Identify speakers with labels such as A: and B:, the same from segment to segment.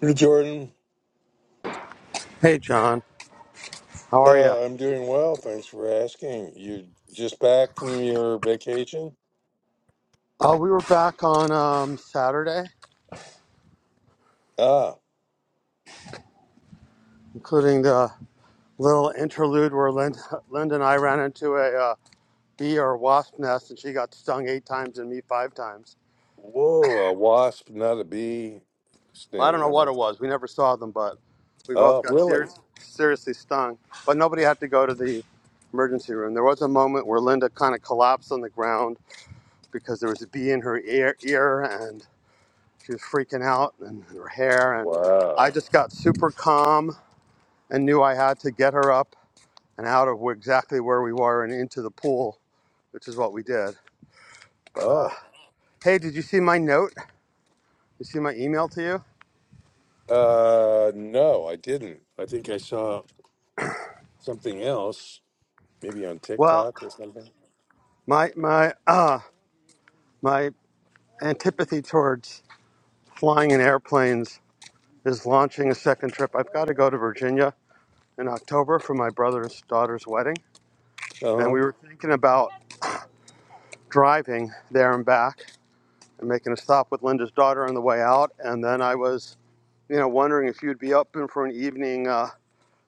A: Hey, Jordan.
B: Hey, John. How are you?
A: Uh, I'm doing well. Thanks for asking. You just back from your vacation?
B: Uh, we were back on um, Saturday,
A: Ah,
B: including the little interlude where Linda, Linda and I ran into a uh, bee or wasp nest, and she got stung eight times and me five times.
A: whoa, a wasp, not a bee
B: Well, I don't
A: sting,
B: know
A: huh?
B: what it was. We never saw them, but we both
A: Oh,
B: got ser-
A: really?
B: seriously stung. But nobody had to go to the emergency room. There was a moment where Linda kind of collapsed on the ground because there was a bee in her ear, ear and she was freaking out, and her hair. And I
A: Wow.
B: just got super calm and knew I had to get her up and out of exactly where we were and into the pool, which is what we did. But uh,
A: Oh,
B: hey, did you see my note? You see my email to you?
A: uh, no, I didn't. I think I saw something else, maybe on
B: Well,
A: TikTok or something.
B: my my uh, my antipathy towards flying in airplanes is launching a second trip. I've got to go to Virginia in October for my brother's daughter's wedding, and we
A: Uh-huh.
B: were thinking about driving there and back and making a stop with Linda's daughter on the way out. And then I was, you know, wondering if you'd be open for an evening. Uh,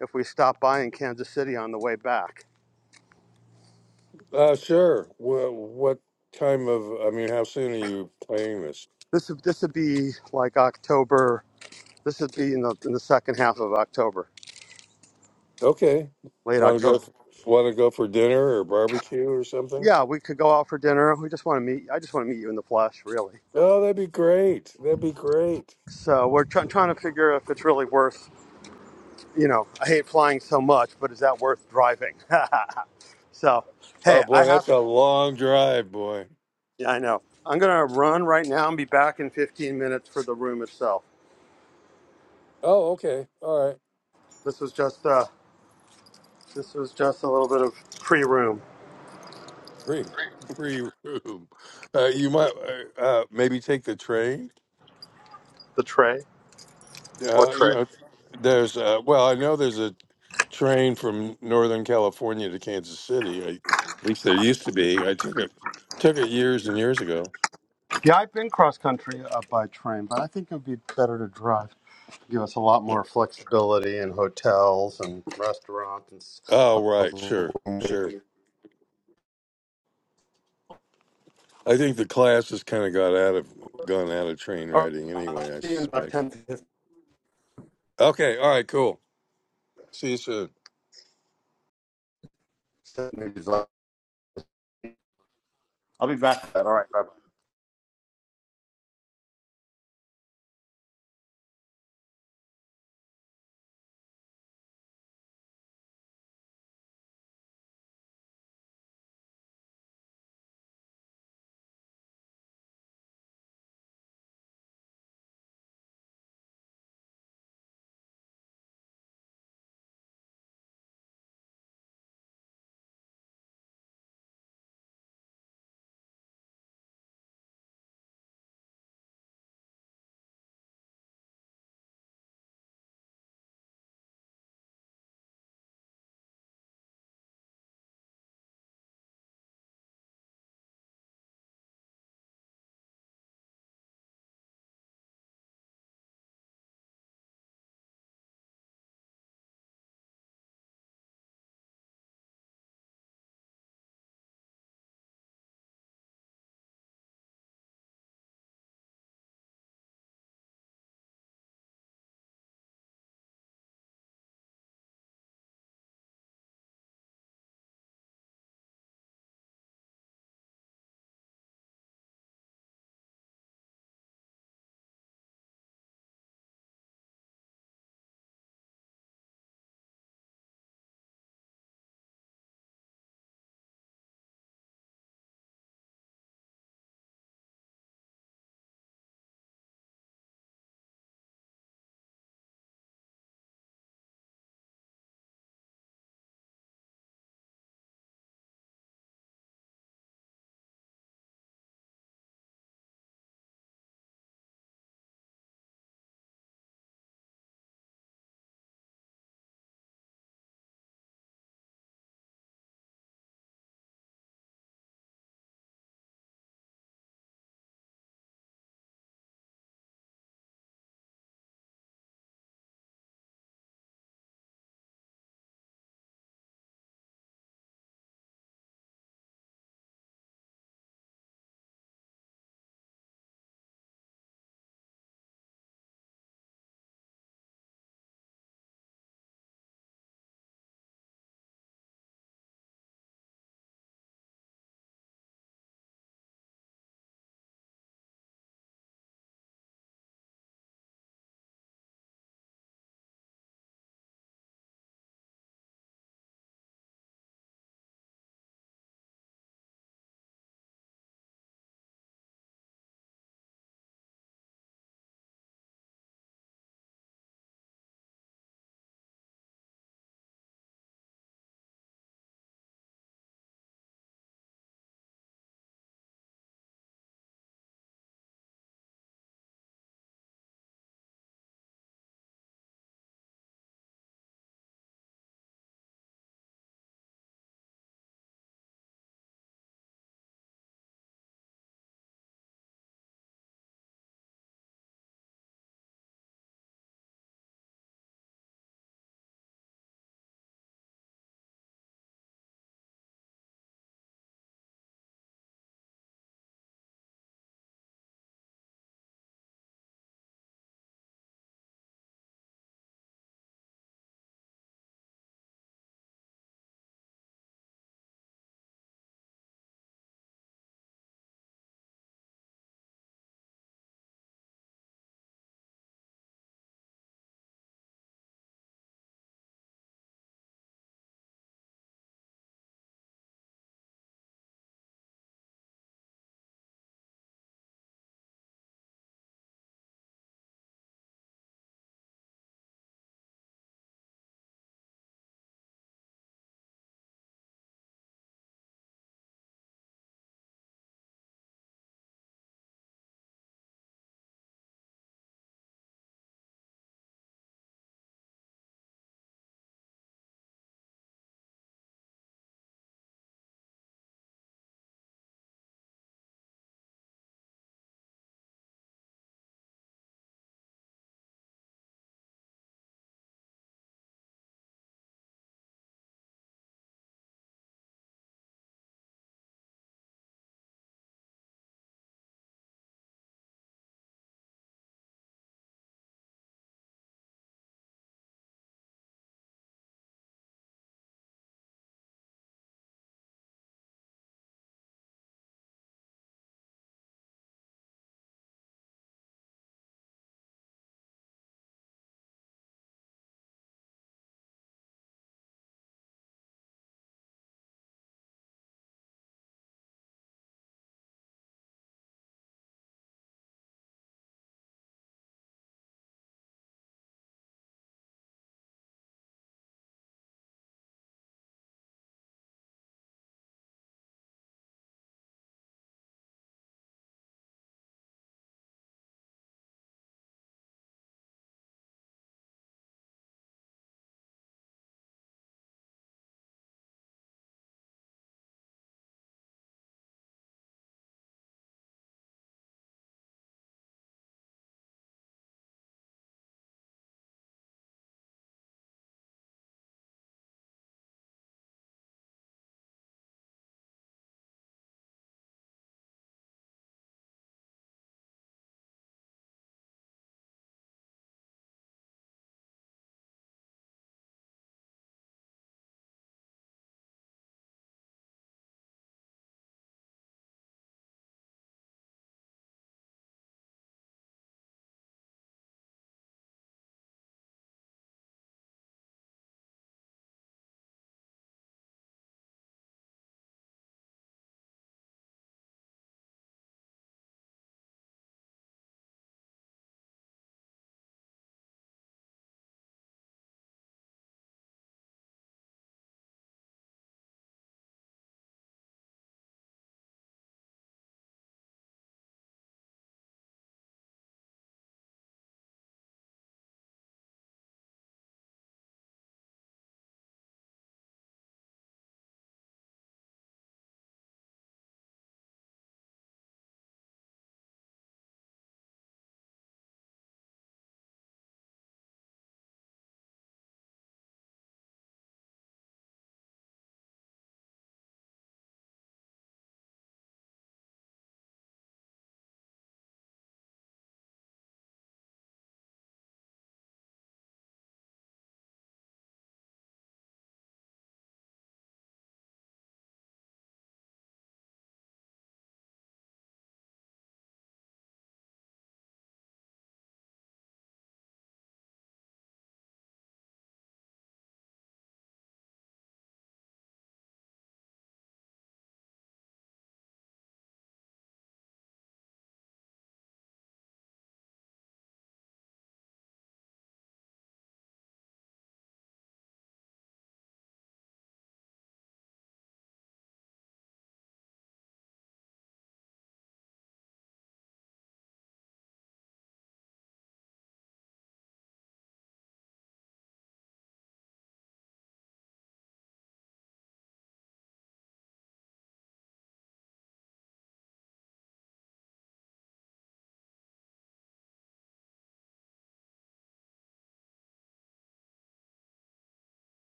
B: if we stop by in Kansas City on the way back.
A: Uh, sure. Well, what time of, I mean, how soon are you playing this?
B: This would this would be like October. This would be in the in the second half of October,
A: Okay.
B: late
A: Want to go,
B: October.
A: want to go for dinner or barbecue or something?
B: Yeah, we could go out for dinner. We just want to meet. I just want to meet you in the flesh, really.
A: Oh, that'd be great. That'd be great.
B: So we're try- trying to figure if it's really worth. You know, I hate flying so much, but is that worth driving? so, hey,
A: Oh
B: I
A: boy,
B: have.
A: that's a long drive, boy.
B: Yeah, I know. I'm gonna run right now and be back in 15 minutes for the room itself.
A: Oh, okay. All right.
B: This was just uh, this was just a little bit of pre-room.
A: Free, free room. Uh, you might uh, uh, maybe take the train.
B: The tray. What
A: Uh, you
B: train?
A: know, there's uh, well, I know there's a train from Northern California to Kansas City. I, at least there used to be. I took it took it years and years ago.
B: Yeah, I've been cross country uh, by train, but I think it would be better to drive. Give us a lot more flexibility in hotels and restaurants. And s- uh,
A: Oh, right,
B: All
A: sure, sure. I think the class has kind of got out of gone out of train
B: right,
A: riding
B: I'll
A: anyway. I
B: see you in about
A: suspect.
B: 10 to 15
A: Okay, all right, cool. See you soon.
B: minutes. I'll be back. All right, bye bye.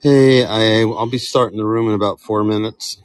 B: Hey, I I'll be starting the room in about four minutes.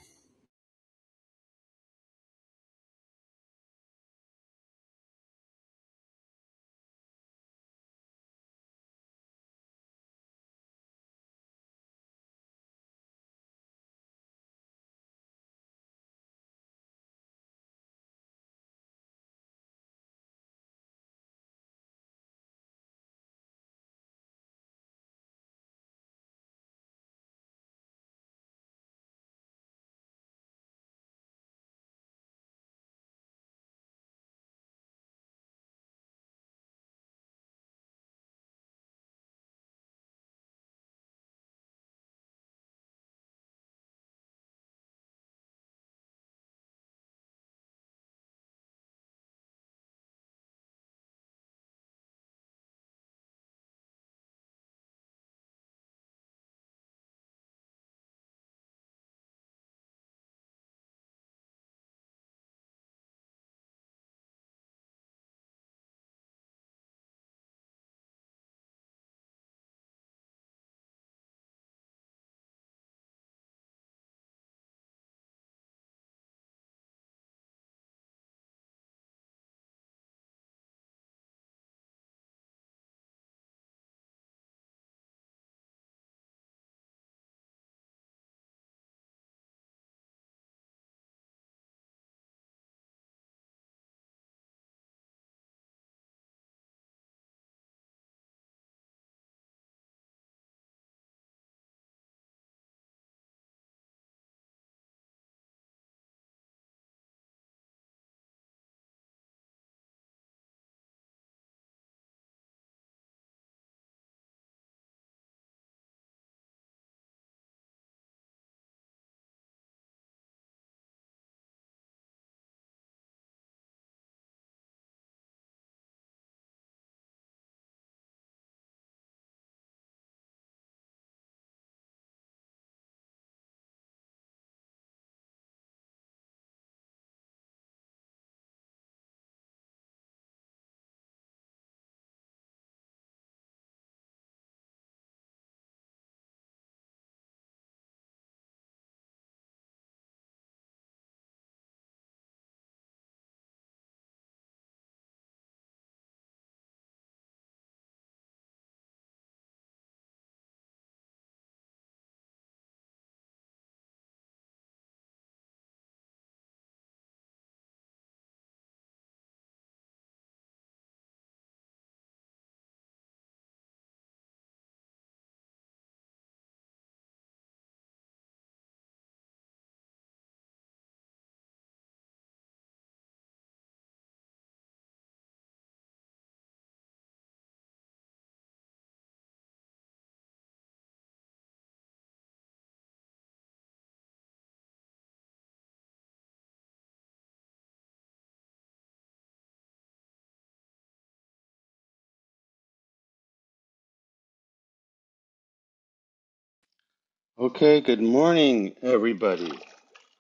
B: Okay, good morning, everybody.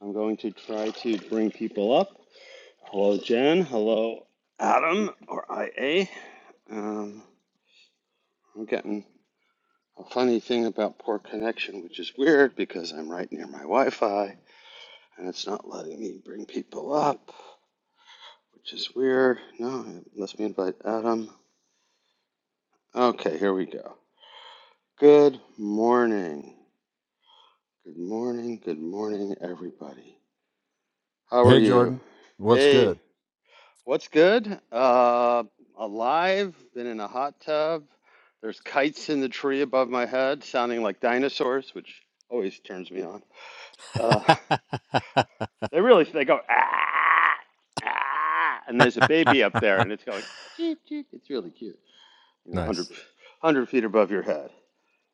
B: I'm going to try to bring people up. Hello, Jen. Hello, Adam or IA. Um, I'm getting A funny thing about poor connection, which is weird because I'm right near my Wi Fi and it's not letting me bring people up, which is weird. No, it lets me invite Adam. Okay, here we go. Good morning. Good morning. Good morning, everybody. How are
C: Hey,
B: you?
C: Jordan. What's
B: Hey,
C: good?
B: what's good? Uh, alive, been in a hot tub. There's kites in the tree above my head sounding like dinosaurs, which always turns me on. Uh, They really they go ah ah, and there's a baby up there, and it's going cheep cheep. It's really cute. You know, 100,
C: Nice.
B: feet above your head.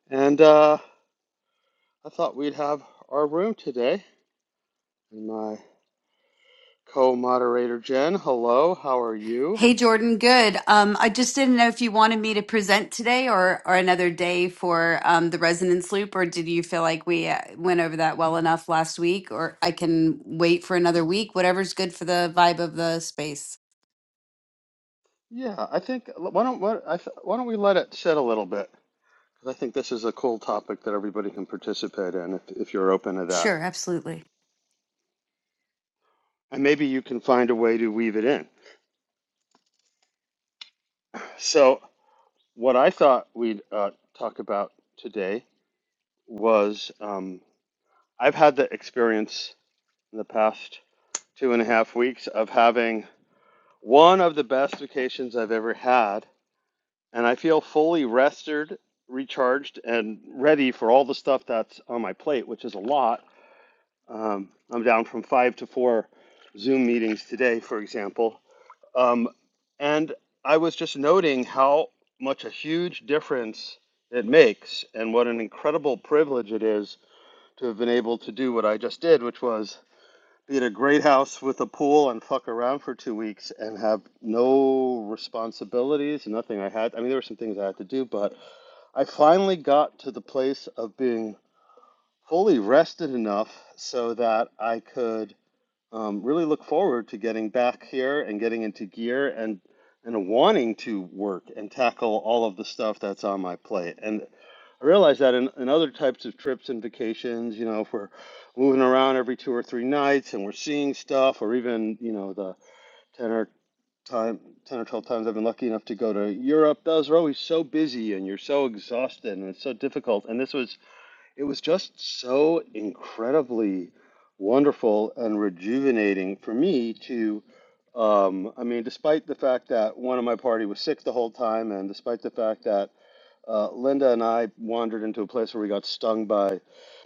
B: And uh, I thought we'd have our room today. And my co-moderator Jen, hello, how are you?
D: Hey Jordan, good. Um, I just didn't know if you wanted me to present today or or another day for um, the resonance loop, or did you feel like we uh, went over that well enough last week? Or I can wait for another week, whatever's good for the vibe of the space.
B: Yeah, I think why don't what I th- why don't we let it sit a little bit? Because I think this is a cool topic that everybody can participate in if if you're open to that.
D: Sure, absolutely.
B: And maybe you can find a way to weave it in. So What I thought we'd uh, talk about today was um, I've had the experience in the past two and a half weeks of having one of the best vacations I've ever had, and I feel fully rested, recharged, and ready for all the stuff that's on my plate, which is a lot. Um, I'm down from five to four Zoom meetings today, for example, Um, and I was just noting how much a huge difference it makes and what an incredible privilege it is to have been able to do what I just did, which was be at a great house with a pool and fuck around for two weeks and have no responsibilities, nothing I had. I mean, there were some things I had to do, but I finally got to the place of being fully rested enough so that I could um, really look forward to getting back here and getting into gear and and wanting to work and tackle all of the stuff that's on my plate. And I realize that in, in other types of trips and vacations, you know, if we're moving around every two or three nights and we're seeing stuff, or even you know the ten or time ten or twelve times I've been lucky enough to go to Europe, those are always so busy and you're so exhausted and it's so difficult. And this was it was just so incredibly wonderful and rejuvenating for me to um, i mean despite the fact that one of my party was sick the whole time and despite the fact that uh, Linda and I wandered into a place where we got stung by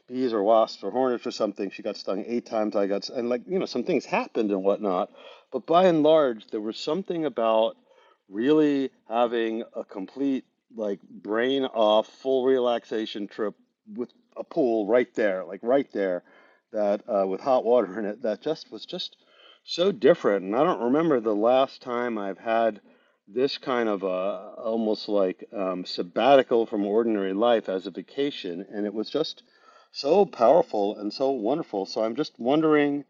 B: bees or wasps or hornets or something. She got stung eight times. I got, s- and like, you know, some things happened and whatnot. But by and large, there was something about really having a complete, like, brain off, full relaxation trip with a pool right there, like right there, that uh, with hot water in it, that just was just so different. And I don't remember the last time I've had this kind of a, almost like um, sabbatical from ordinary life as a vacation, and it was just so powerful and so wonderful. So I'm just wondering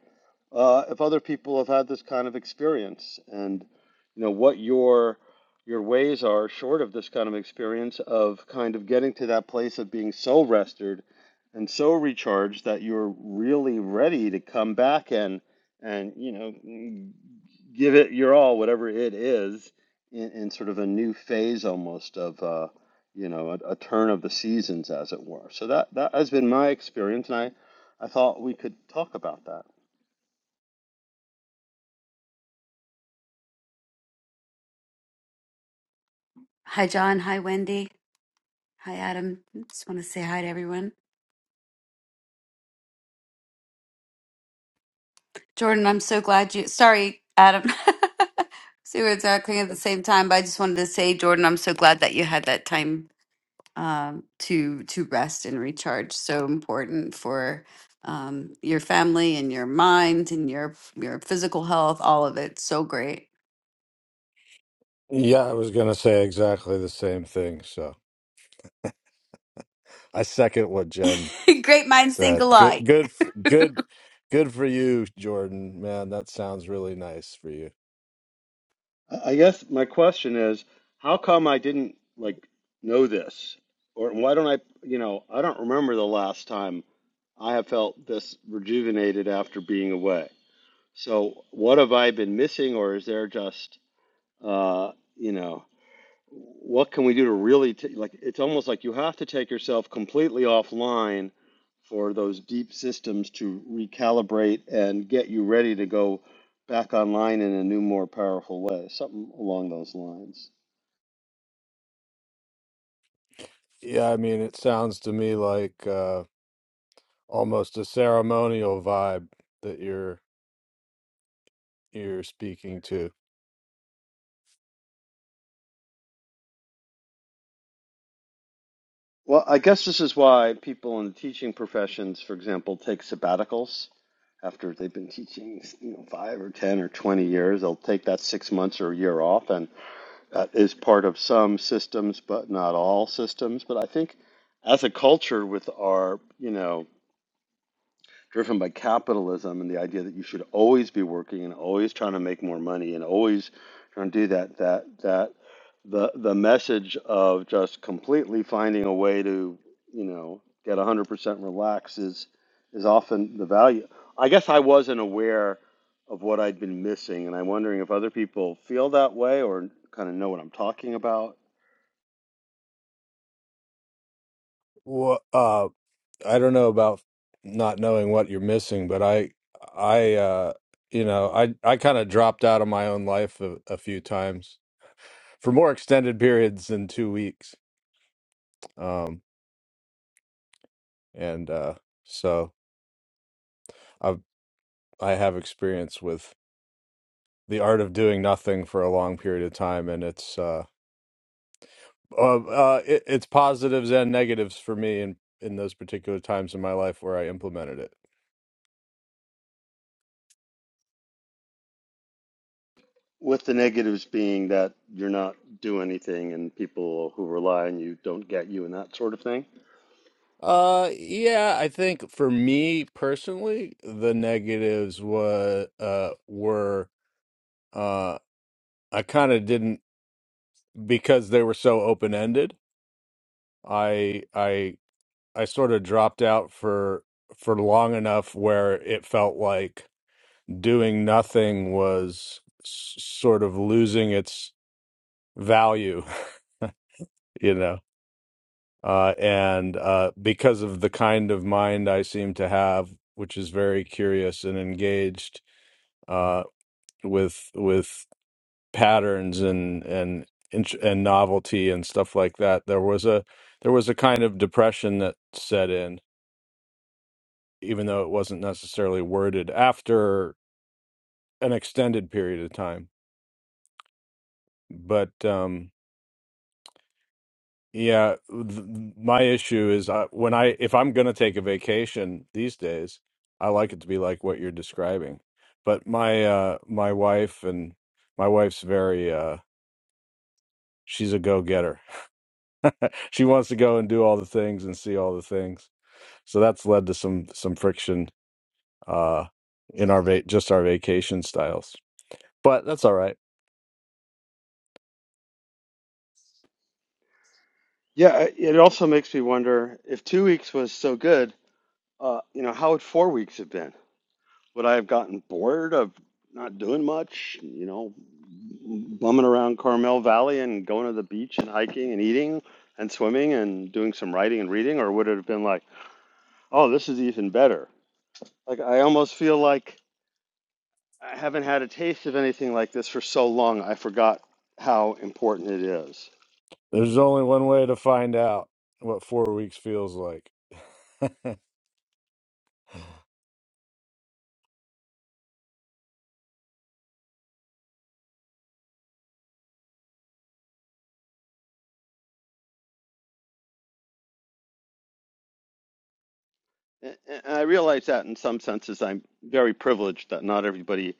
B: uh, if other people have had this kind of experience and you know what your your ways are short of this kind of experience of kind of getting to that place of being so rested and so recharged that you're really ready to come back and and you know give it your all whatever it is in, in sort of a new phase almost of uh, you know a, a turn of the seasons as it were so that that has been my experience and I I thought we could talk about that
D: Hi John. Hi Wendy. Hi Adam. Just want to say hi to everyone. Jordan, I'm so glad you. Sorry, Adam. See, we're talking at the same time, but I just wanted to say, Jordan, I'm so glad that you had that time um, to to rest and recharge. So important for um, your family and your mind and your your physical health. All of it. So great.
C: Yeah, I was gonna say exactly the same thing. So I second what Jen
D: great minds think
C: said. Good,
D: alike.
C: good, f- good, good for you, Jordan. Man, that sounds really nice for you.
B: I guess my question is, how come I didn't like know this, or why don't I? You know, I don't remember the last time I have felt this rejuvenated after being away. So, what have I been missing, or is there just, uh, you know? what can we do to really t like it's almost like you have to take yourself completely offline for those deep systems to recalibrate and get you ready to go back online in a new, more powerful way, something along those lines.
C: Yeah, I mean, it sounds to me like uh, almost a ceremonial vibe that you're you're speaking to.
B: Well, I guess this is why people in the teaching professions, for example, take sabbaticals after they've been teaching, you know, five or ten or twenty years. They'll take that six months or a year off, and uh, is part of some systems, but not all systems. But I think as a culture, with our, you know, driven by capitalism and the idea that you should always be working and always trying to make more money and always trying to do that, that, that the, the message of just completely finding a way to, you know, get 100% relaxed is, is often the value. I guess I wasn't aware of what I'd been missing, and I'm wondering if other people feel that way or kind of know what I'm talking about
C: What? I don't know about not knowing what you're missing, but I I uh you know, I I kind of dropped out of my own life a, a few times for more extended periods than 2 weeks. Um and uh so I I have experience with the art of doing nothing for a long period of time and it's uh uh, uh it, it's positives and negatives for me in in those particular times in my life where I implemented it.
B: With the negatives being that you're not doing anything and people who rely on you don't get you and that sort of thing.
C: Uh, yeah, I think for me personally, the negatives was uh were uh I kind of didn't because they were so open-ended. I I I sort of dropped out for for long enough where it felt like doing nothing was s sort of losing its value, you know. Uh, and uh, because of the kind of mind I seem to have, which is very curious and engaged uh, with with patterns and and int- and novelty and stuff like that. There was a there was a kind of depression that set in, even though it wasn't necessarily worded after an extended period of time. But um, yeah, th- my issue is I, when I if I'm going to take a vacation these days, I like it to be like what you're describing. But my uh, my wife and my wife's very uh, she's a go getter she wants to go and do all the things and see all the things. So that's led to some some friction uh, in our va- just our vacation styles. But that's all right.
B: Yeah, I- it also makes me wonder if two weeks was so good, uh, you know, how would four weeks have been? Would I have gotten bored of not doing much, you know, bumming around Carmel Valley and going to the beach and hiking and eating and swimming and doing some writing and reading? Or would it have been like, oh, this is even better? Like, I almost feel like I haven't had a taste of anything like this for so long, I forgot how important it is.
C: There's only one way to find out what four weeks feels like.
B: And I realize that in some senses, I'm very privileged that not everybody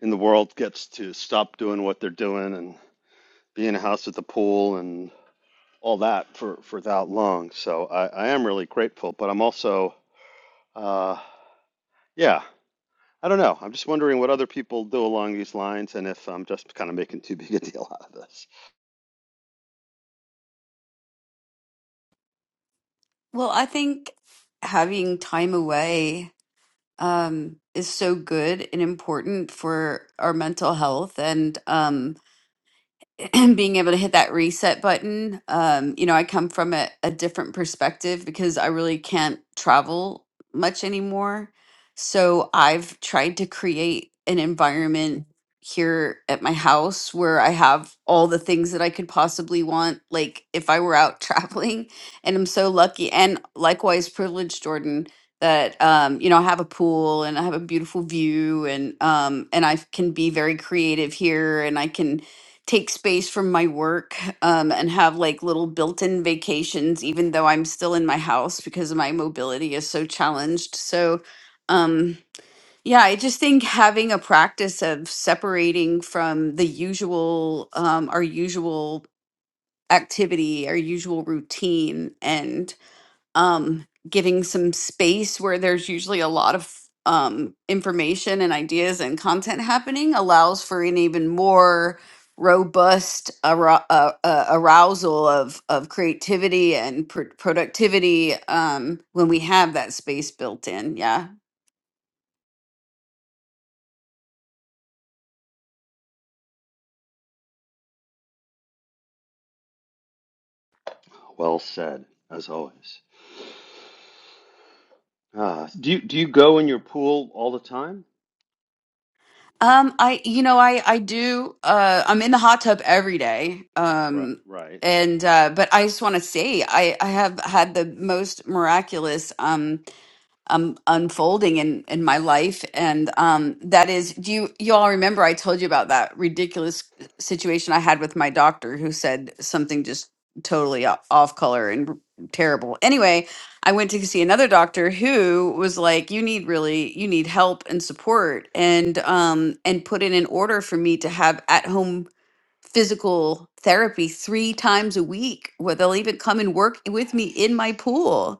B: in the world gets to stop doing what they're doing and be in a house at the pool and all that for, for that long. So I, I am really grateful, but I'm also, uh, yeah, I don't know. I'm just wondering what other people do along these lines and if I'm just kind of making too big a deal out of this.
D: Well, I think having time away um, is so good and important for our mental health and. Um, being able to hit that reset button um you know i come from a, a different perspective because i really can't travel much anymore so i've tried to create an environment here at my house where i have all the things that i could possibly want like if i were out traveling and i'm so lucky and likewise privileged jordan that um you know i have a pool and i have a beautiful view and um and i can be very creative here and i can take space from my work um, and have like little built-in vacations even though i'm still in my house because my mobility is so challenged so um, yeah i just think having a practice of separating from the usual um, our usual activity our usual routine and um, giving some space where there's usually a lot of um, information and ideas and content happening allows for an even more robust arou- uh, uh, arousal of, of creativity and pr- productivity um, when we have that space built in. Yeah.
B: Well said, as always. Ah, do you do you go in your pool all the time?
D: Um, I, you know, I, I do, uh, I'm in the hot tub every day.
B: Right,
D: Um,
B: right.
D: and, uh, but I just want to say, I, I have had the most miraculous, um, um unfolding in in my life and um that is do you you all remember I told you about that ridiculous situation I had with my doctor who said something just totally o- off color and r- terrible. Anyway, I went to see another doctor who was like you need really you need help and support and um and put in an order for me to have at home physical therapy 3 times a week where they'll even come and work with me in my pool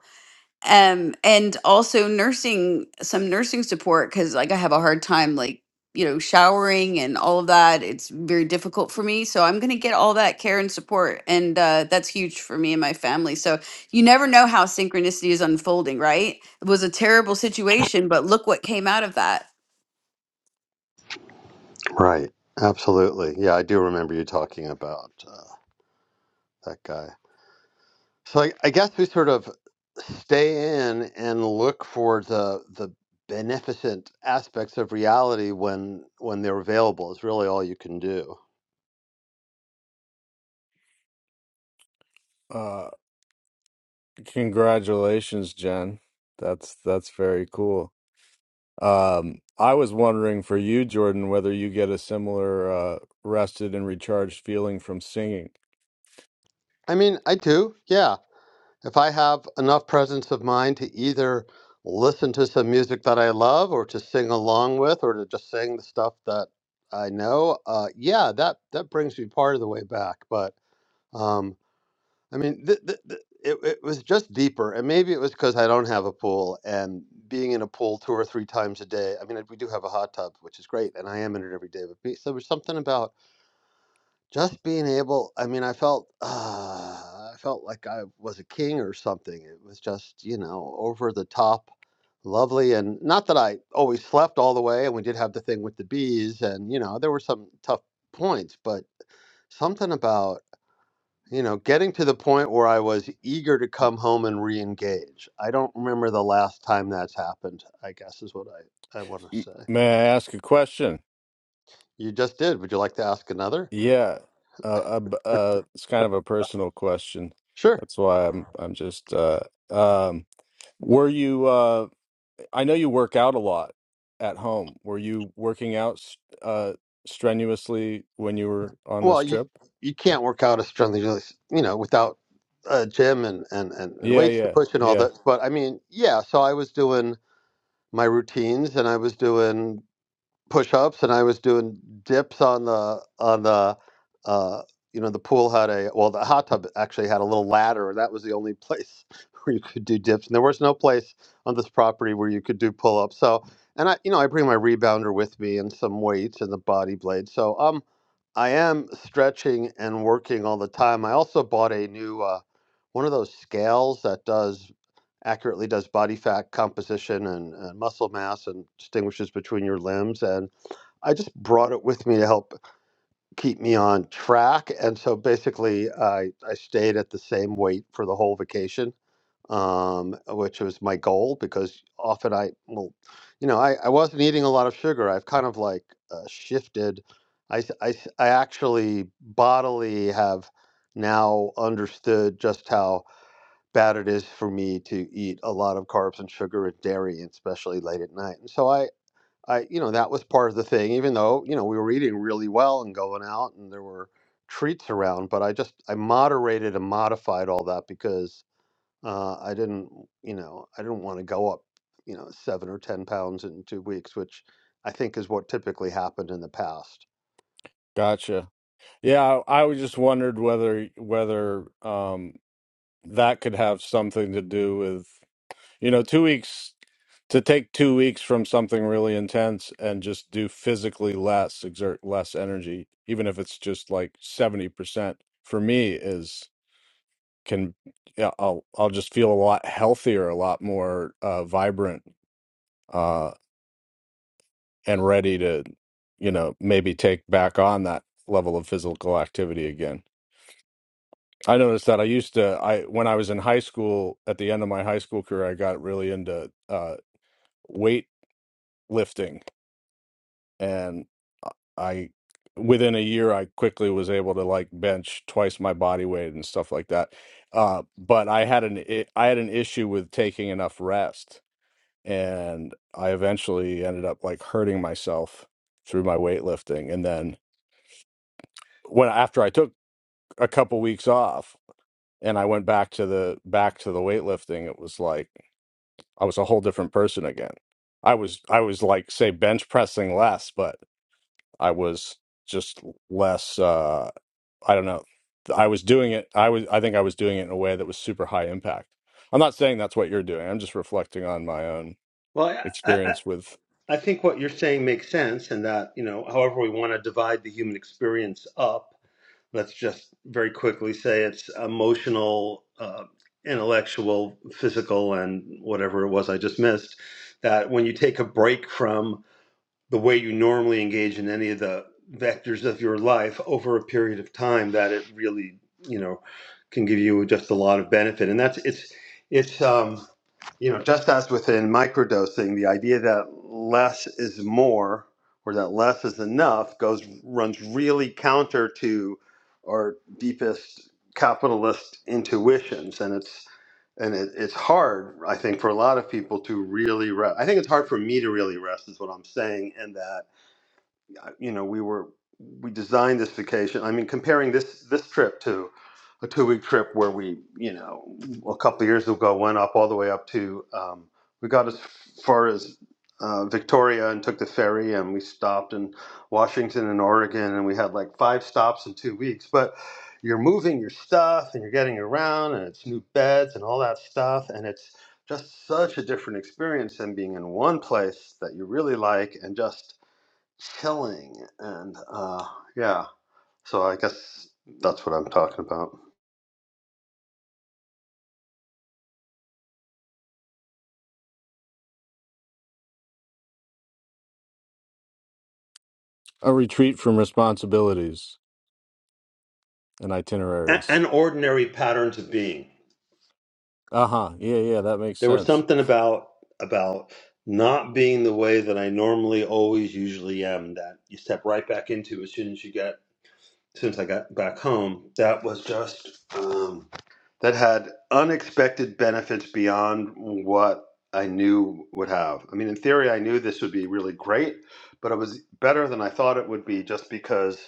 D: um and also nursing some nursing support because like i have a hard time like you know showering and all of that it's very difficult for me so i'm going to get all that care and support and uh, that's huge for me and my family so you never know how synchronicity is unfolding right it was a terrible situation but look what came out of that
B: Right. Absolutely. Yeah, I do remember you talking about uh, that guy. So I, I guess we sort of stay in and look for the the beneficent aspects of reality when when they're available is really all you can do.
C: uh, congratulations, Jen. That's that's very cool. Um, I was wondering for you, Jordan, whether you get a similar uh, rested and recharged feeling from singing.
B: I mean, I do. Yeah. If I have enough presence of mind to either listen to some music that I love or to sing along with or to just sing the stuff that I know, uh, yeah, that, that brings me part of the way back. But um, I mean, th- th- th- it, it was just deeper. And maybe it was because I don't have a pool and being in a pool two or three times a day. I mean, we do have a hot tub, which is great, and I am in it every day. But be- so there was something about just being able I mean, I felt, uh, I felt like I was a king or something. It was just, you know, over the top lovely, and not that I always slept all the way, and we did have the thing with the bees, and, you know, there were some tough points, but something about, you know, getting to the point where I was eager to come home and reengage. I don't remember the last time that's happened, I guess is what I I wanna
C: M-
B: say.
C: may I ask a question?
B: You just did. Would you like to ask another?
C: Yeah, uh, uh, b- uh, it's kind of a personal question.
B: Sure.
C: That's why I'm I'm just uh, um, were you uh, I know you work out a lot at home. Were you working out s- uh, strenuously when you were on
B: Well,
C: this
B: you
C: trip?
B: you can't work out a strength and conditioning, you know, without a gym and, and, and, and
C: Yeah,
B: weights to
C: yeah,
B: push and all
C: yeah.
B: that. But I mean, yeah, so I was doing my routines and I was doing push-ups and I was doing dips on the on the uh, you know the pool had a well the hot tub actually had a little ladder that was the only place where you could do dips and there was no place on this property where you could do pull-ups so and I you know I bring my rebounder with me and some weights and the body blade so um I am stretching and working all the time I also bought a new uh, one of those scales that does accurately does body fat composition and, and muscle mass and distinguishes between your limbs and I just brought it with me to help keep me on track. And so basically, I, I stayed at the same weight for the whole vacation, um, which was my goal because often I, well, you know, I, I wasn't eating a lot of sugar. I've kind of like uh, shifted. I, s- I s- I actually bodily have now understood just how bad it is for me to eat a lot of carbs and sugar and dairy, especially late at night. And so I. I, you know, that was part of the thing, even though, you know, we were eating really well and going out and there were treats around, but I just, I moderated and modified all that because uh, I didn't, you know, I didn't want to go up, you know, seven or 10 pounds in two weeks, which I think is what typically happened in the past.
C: Gotcha. Yeah, I, I was just wondered whether whether um, that could have something to do with. You know, two weeks to take two weeks from something really intense and just do physically less, exert less energy, even if it's just like seventy percent. For me, is can yeah, I'll I'll just feel a lot healthier, a lot more uh, vibrant, uh, and ready to, you know, maybe take back on that level of physical activity again. I noticed that I used to I when I was in high school at the end of my high school career, I got really into uh, weight lifting and I I- within a year I quickly was able to like bench twice my body weight and stuff like that. Uh, but I had an i- I had an issue with taking enough rest, and I eventually ended up like hurting myself through my weightlifting. And then when after I took a couple weeks off and I went back to the back to the weightlifting, it was like I was a whole different person again. I was I was like say bench pressing less, but I was just less uh I don't know. I was doing it I was I think I was doing it in a way that was super high impact. I'm not saying that's what you're doing. I'm just reflecting on my own
B: Well, I, I,
C: experience with
B: I think what you're saying makes sense, and that, you know, however we want to divide the human experience up, let's just very quickly say it's emotional, uh, intellectual, physical, and whatever it was I just missed. That when you take a break from the way you normally engage in any of the vectors of your life over a period of time that it really you know can give you just a lot of benefit and that's it's it's um you know just as within microdosing the idea that less is more or that less is enough goes runs really counter to our deepest capitalist intuitions and it's and it, it's hard i think for a lot of people to really rest i think it's hard for me to really rest is what i'm saying in that you know, we were we designed this vacation. I mean, comparing this this trip to a two week trip where we, you know, a couple of years ago went up all the way up to um, we got as far as uh, Victoria and took the ferry and we stopped in Washington and Oregon and we had like five stops in two weeks. But you're moving your stuff and you're getting around and it's new beds and all that stuff and it's just such a different experience than being in one place that you really like and just chilling and uh yeah so i guess that's what i'm talking about
C: a retreat from responsibilities and
B: A-
C: itineraries.
B: and ordinary patterns of being
C: Uh-huh. Yeah, yeah, that makes
B: there was
C: sense.
B: something about about not being the way that i normally always usually am that you step right back into as soon as you get since i got back home that was just um that had unexpected benefits beyond what I knew would have. I mean, in theory, I knew this would be really great, but it was better than I thought it would be just because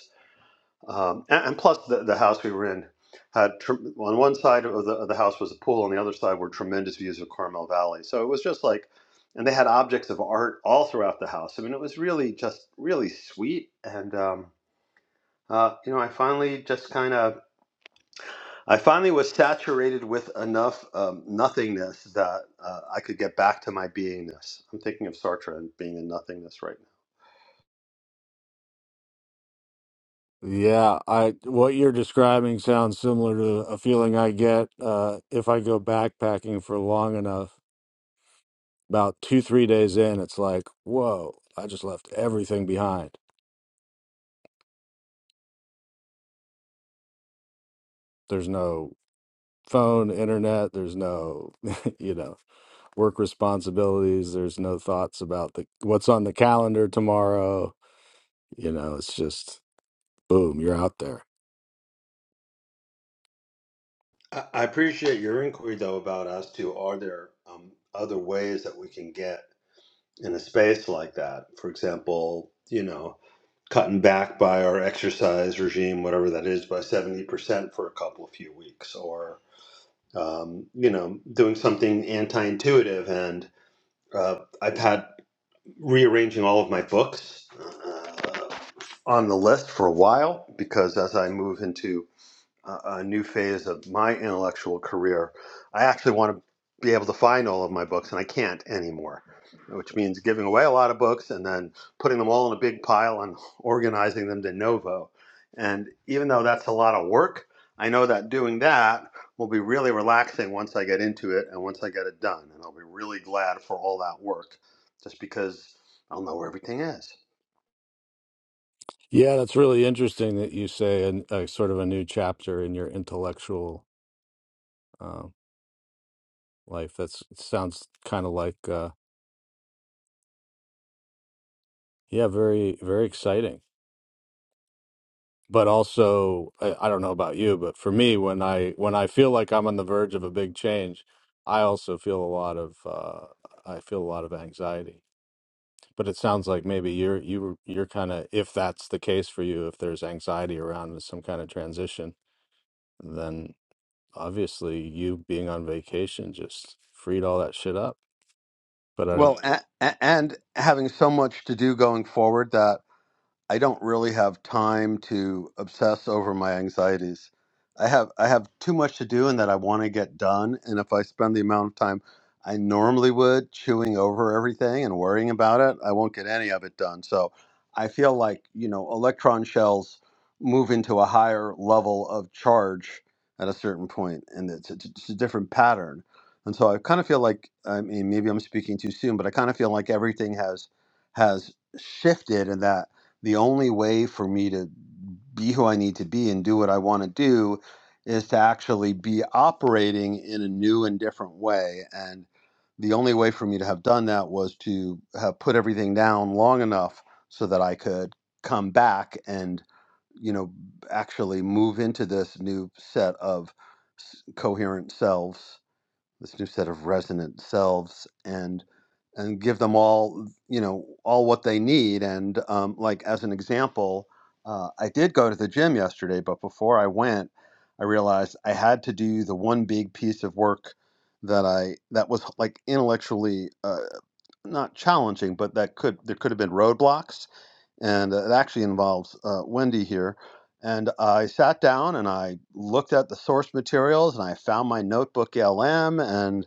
B: Um, and, and plus, the, the house we were in had tr on one side of the, of the house was a pool, on the other side were tremendous views of Carmel Valley. So it was just like, and they had objects of art all throughout the house. I mean, it was really just really sweet. And um, uh, you know, I finally just kind of, I finally was saturated with enough um, nothingness that uh, I could get back to my beingness. I'm thinking of Sartre and being in nothingness right
C: Yeah, I what you're describing sounds similar to a feeling I get uh if I go backpacking for long enough. About 2-3 days in, it's like, "Whoa, I just left everything behind." There's no phone, internet. There's no, you know, work responsibilities. There's no thoughts about the what's on the calendar tomorrow. You know, it's just boom, you're out there.
B: now. I I appreciate your inquiry, though, about as to are there um, other ways that we can get in a space like that. For example, you know, cutting back by our exercise regime, whatever that is, by 70% for a couple of few weeks, or, um, you know, doing something anti intuitive. And uh, I've had rearranging all of my books uh, on the list for a while because as I move into a, a new phase of my intellectual career. I actually want to be able to find all of my books, and I can't anymore, which means giving away a lot of books and then putting them all in a big pile and organizing them de novo. And even though that's a lot of work, I know that doing that will be really relaxing once I get into it and once I get it done. And I'll be really glad for all that work just because I'll know where everything is.
C: Yeah, that's really interesting that you say an, a sort of a new chapter in your intellectual. um, life. That's sounds kind of like uh yeah, very very exciting. But also I, I don't know about you, but for me when I when I feel like I'm on the verge of a big change, I also feel a lot of uh I feel a lot of anxiety. But it sounds like maybe you're you were- you're kind of if that's the case for you, if there's anxiety around some kind of transition, then obviously you being on vacation just freed all that shit up. But I don't.
B: Well, a- a- and having so much to do going forward that I don't really have time to obsess over my anxieties. I have I have too much to do and that I want to get done. And if I spend the amount of time I normally would chewing over everything and worrying about it, I won't get any of it done. So I feel like, you know, electron shells move into a higher level of charge at a certain point and it's, it's it's a different pattern. And so I kind of feel like I mean maybe I'm speaking too soon, but I kind of feel like everything has has shifted in that the only way for me to be who I need to be and do what I want to do is to actually be operating in a new and different way. And the only way for me to have done that was to have put everything down long enough so that I could come back and, you know, actually move into this new set of s- coherent selves this new set of resonant selves and and give them all you know all what they need and um, like as an example uh, i did go to the gym yesterday but before i went i realized i had to do the one big piece of work that i that was like intellectually uh, not challenging but that could there could have been roadblocks and uh, it actually involves uh, Wendy here. And I sat down and I looked at the source materials and I found my notebook LM and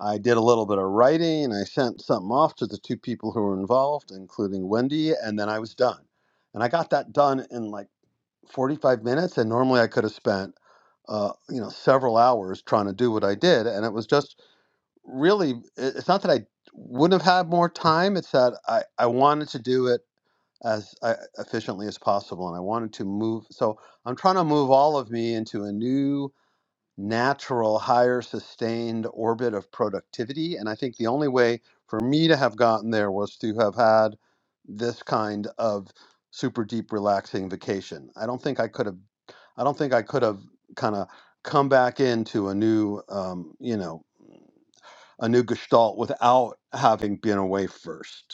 B: I did a little bit of writing and I sent something off to the two people who were involved, including Wendy, and then I was done. And I got that done in like 45 minutes, and normally I could have spent uh, you know several hours trying to do what I did, and it was just really. it- It's not that I wouldn't have had more time; it's that I I wanted to do it as uh, efficiently as possible. And I wanted to move, so I'm trying to move all of me into a new, natural, higher, sustained orbit of productivity. And I think the only way for me to have gotten there was to have had this kind of super deep, relaxing vacation. I don't think I could have, I don't think I could have kind of come back into a new, um, you know, a new gestalt without having been away first.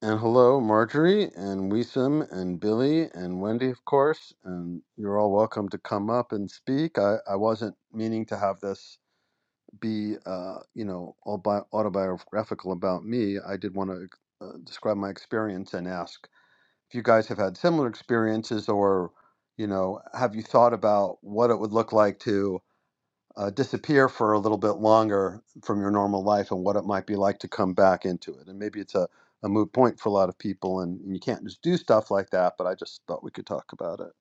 B: And hello, Marjorie, and Weesum, and Billy, and Wendy, of course. And you're all welcome to come up and speak. I, I wasn't meaning to have this be, uh, you know, all bi- autobiographical about me. I did want to uh, describe my experience and ask if you guys have had similar experiences or, you know, have you thought about what it would look like to uh, disappear for a little bit longer from your normal life and what it might be like to come back into it. And maybe it's a, a moot point for a lot of people and, you can't just do stuff like that, but I just thought we could talk about it.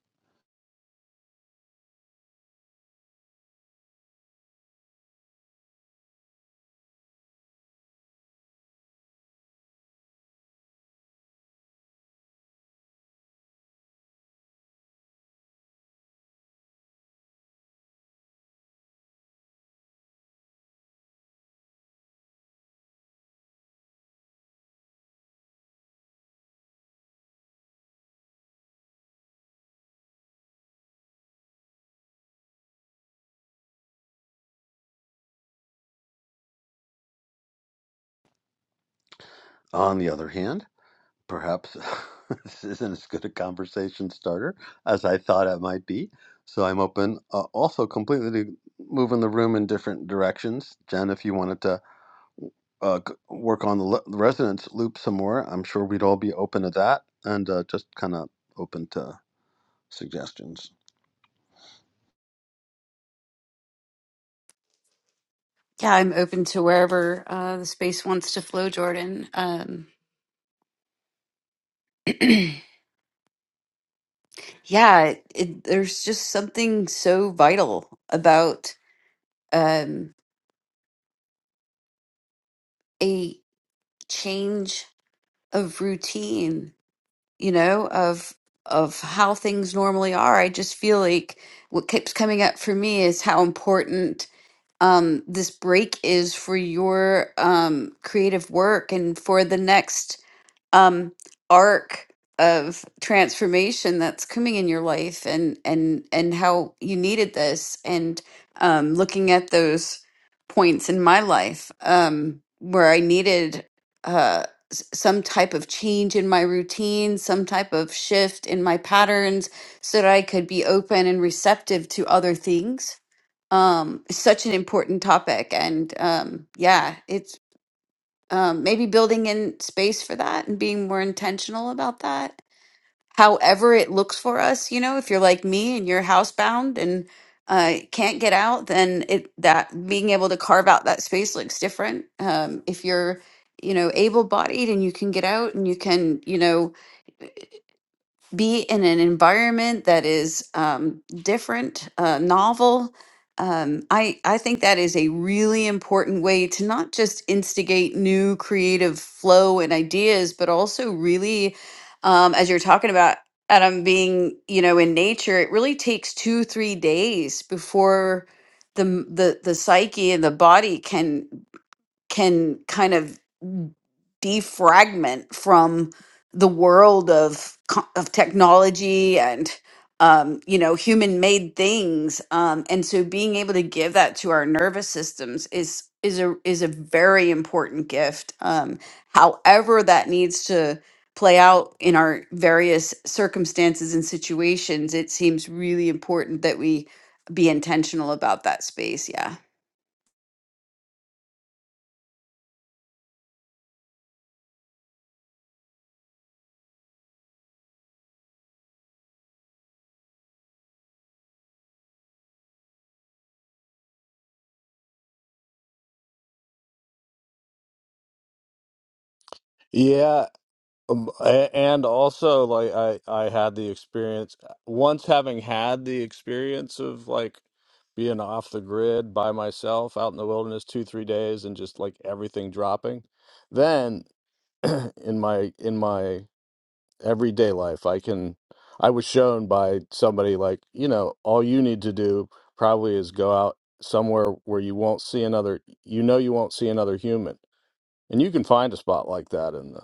B: On the other hand, perhaps this isn't as good a conversation starter as I thought it might be. So I'm open uh, also completely to moving the room in different directions. Jen, if you wanted to uh, work on the le- resonance loop some more, I'm sure we'd all be open to that and uh, just kind of open to. suggestions.
D: yeah i'm open to wherever uh, the space wants to flow jordan um, yeah it, it, there's just something so vital about um, a change of routine you know of of how things normally are i just feel like what keeps coming up for me is how important um this break is for your um creative work and for the next um arc of transformation that's coming in your life and and and how you needed this and um looking at those points in my life um where I needed uh s- some type of change in my routine, some type of shift in my patterns so that I could be open and receptive to other things. Um, it's such an important topic and um yeah, um, maybe building in space for that and being more intentional about that. However, it looks for us, you know, if you're like me and you're housebound and uh, can't get out, then it that being able to carve out that space looks different. Um, if you're, you know, able-bodied and you can get out and you can, you know, be in an environment that is um, different, uh, novel. Um, I, I think that is a really important way to not just instigate new creative flow and ideas, but also really, um, as you're talking about, Adam, being, you know, in nature, it really takes two, three days before the, m- the, the psyche and the body can can kind of defragment from the world of co- of technology and um, you know human made things um, and so being able to give that to our nervous systems is is a is a very important gift um, however that needs to play out in our various circumstances and situations it seems really important that we be intentional about that space yeah
C: Yeah, Um, a- and also like I I had the experience uh, once having had the experience of like being off the grid by myself out in the wilderness 2-3 days and just like everything dropping then in my in my everyday life I can I was shown by somebody like you know all you need to do probably is go out somewhere where you won't see another you know you won't see another human and you can find a spot like that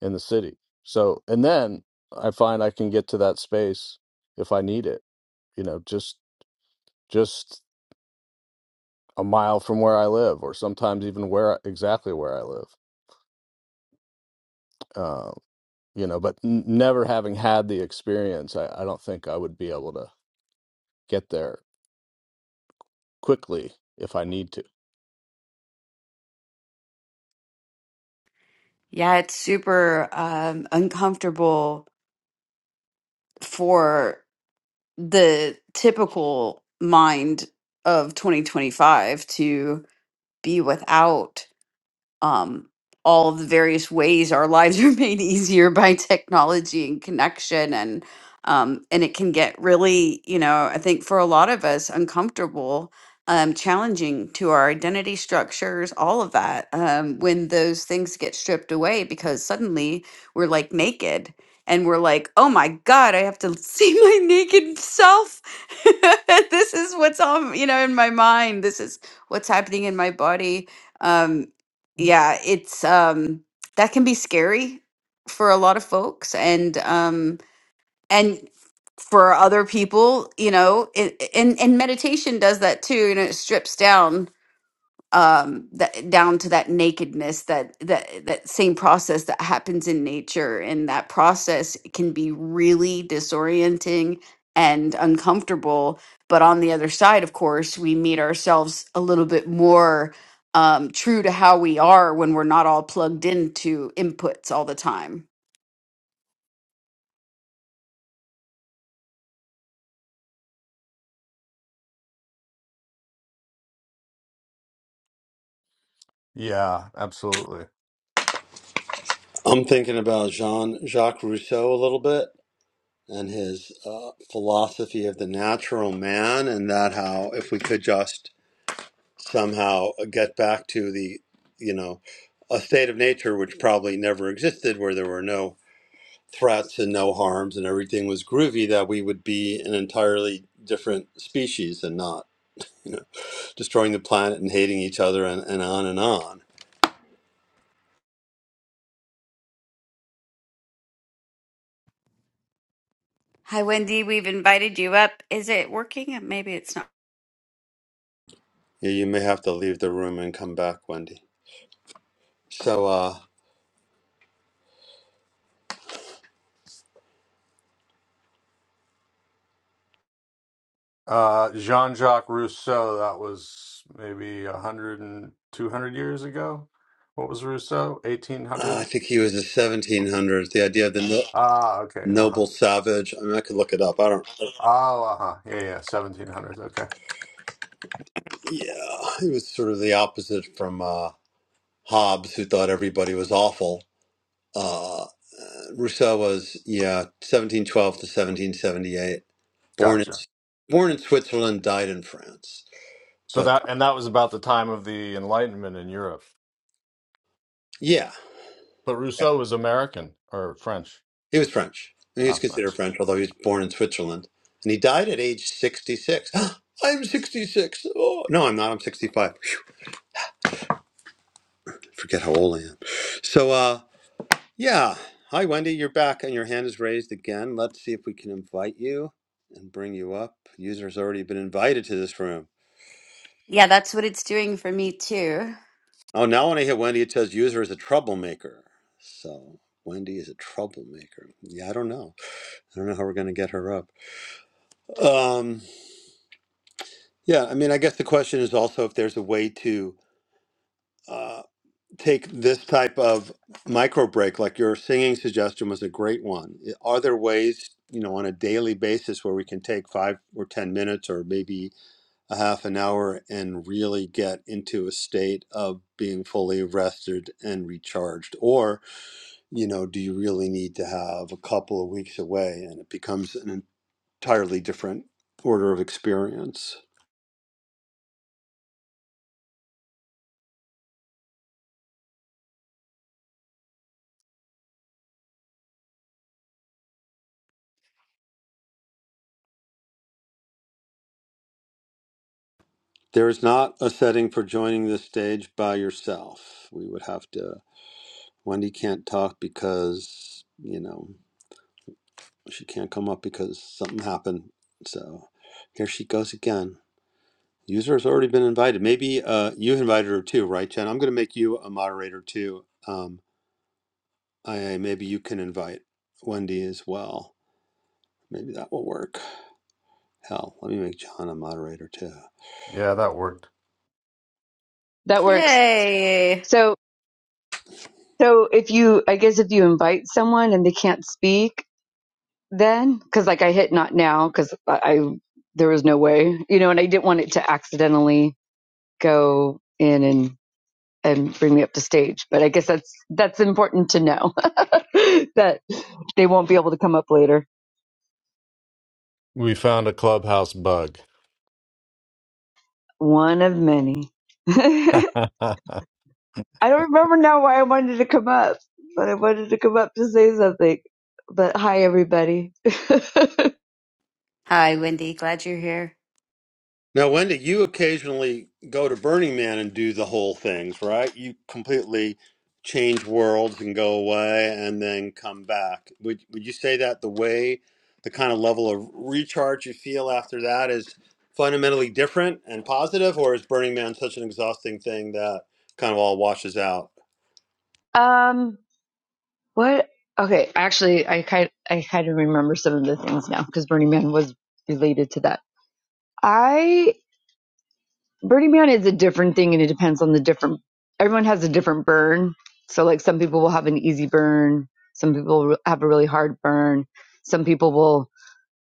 C: in the city. So, and then I find I can get to that space if I need it, you know, just just a mile from where I live, or sometimes even where exactly where I live. Uh, you know, but n- never having had the experience, I, I don't think I would be able to get there quickly if I need to.
D: Yeah, it's super um, uncomfortable for the typical mind of 2025 to be without um, all of the various ways our lives are made easier by technology and connection and um, and it can get really you know i think for a lot of us uncomfortable um, challenging to our identity structures all of that um, when those things get stripped away because suddenly we're like naked and we're like oh my god i have to see my naked self this is what's on you know in my mind this is what's happening in my body um yeah it's um that can be scary for a lot of folks and um and for other people you know it, and and meditation does that too and it strips down um that down to that nakedness that that that same process that happens in nature and that process can be really disorienting and uncomfortable but on the other side of course we meet ourselves a little bit more um true to how we are when we're not all plugged into inputs all the time
C: Yeah, absolutely.
B: I'm thinking about Jean Jacques Rousseau a little bit and his uh, philosophy of the natural man, and that how if we could just somehow get back to the, you know, a state of nature which probably never existed, where there were no threats and no harms and everything was groovy, that we would be an entirely different species and not, you know, destroying the planet and hating each other and, and on and on.
D: hi wendy we've invited you up is it working maybe it's not
B: You you may have to leave the room and come back, Wendy. So, uh,
C: Uh, Jean-Jacques Rousseau, that was maybe a hundred and two hundred years ago. What was Rousseau?
B: Uh, I
C: 1800s?
B: think he was the 1700s. The idea of the no-
C: Ah, okay. Uh huh.
B: noble savage. I mean, I could look it up. I don't.
C: Oh, uh-huh. Yeah, yeah, 1700s. Okay.
B: Yeah, he was sort of the opposite from uh, Hobbes, who thought everybody was awful. Uh, Rousseau was yeah, 1712 to 1778. Born in
C: Gotcha.
B: born in Switzerland, died in France.
C: So
B: But
C: that and that was about the time of the Enlightenment in Europe.
B: yeah,
C: But
B: yeah,
C: Rousseau was American or French.
B: he was French. And he was
C: Ah,
B: considered
C: French.
B: French, although he was born in Switzerland, and he died at age 66. I'm 66. Oh no, I'm not. I'm 65. forget how old I am. So, uh, yeah. Hi, Wendy. You're back and your hand is raised again. Let's see if we can invite you and bring you up. User's already been invited to this room.
D: yeah that's what it's doing for me too
B: Oh, now when I hit Wendy, it says user is a troublemaker. So, Wendy is a troublemaker. Yeah, I don't know. I don't know how we're going to get her up. Um, yeah, I mean, I guess the question is also if there's a way to. uh, take this type of micro break like your singing suggestion was a great one I- are there ways you know on a daily basis where we can take five or ten minutes or maybe a half an hour and really get into a state of being fully rested and recharged or you know do you really need to have a couple of weeks away and it becomes an entirely different order of experience there is not a setting for joining this stage by yourself we would have to Wendy can't talk because, you know, she can't come up because something happened. So here she goes again. User has already been invited. Maybe uh, you invited her too, right, Jen? I'm going to make you a moderator too. Um, I maybe you can invite Wendy as well. Maybe that will work. Hell, let me make John a moderator too.
C: Yeah, that worked.
E: That works.
D: yay
E: So, so if you, I guess if you invite someone and they can't speak, then because like I hit not now because I, I there was no way, you know, and I didn't want it to accidentally go in and and bring me up to stage. But I guess that's that's important to know that they won't be able to come up later.
C: We found a clubhouse bug.
E: One of many. I don't remember now why I wanted to come up, but I wanted to come up to say something. But hi, everybody.
D: hi wendy glad you're here
B: Now, Wendy, you occasionally go to Burning Man and do the whole things, right? You completely change worlds and go away and then come back. Would would you say that the way, the kind of level of recharge you feel after that is fundamentally different and positive, or is Burning Man such an exhausting thing that kind of all washes out?
E: um. What? Okay, actually, I kind I kind of remember some of the things now because Burning Man was related to that. I Burning Man is a different thing, and it depends on the different. Everyone has a different burn, so like some people will have an easy burn, some people will have a really hard burn, some people will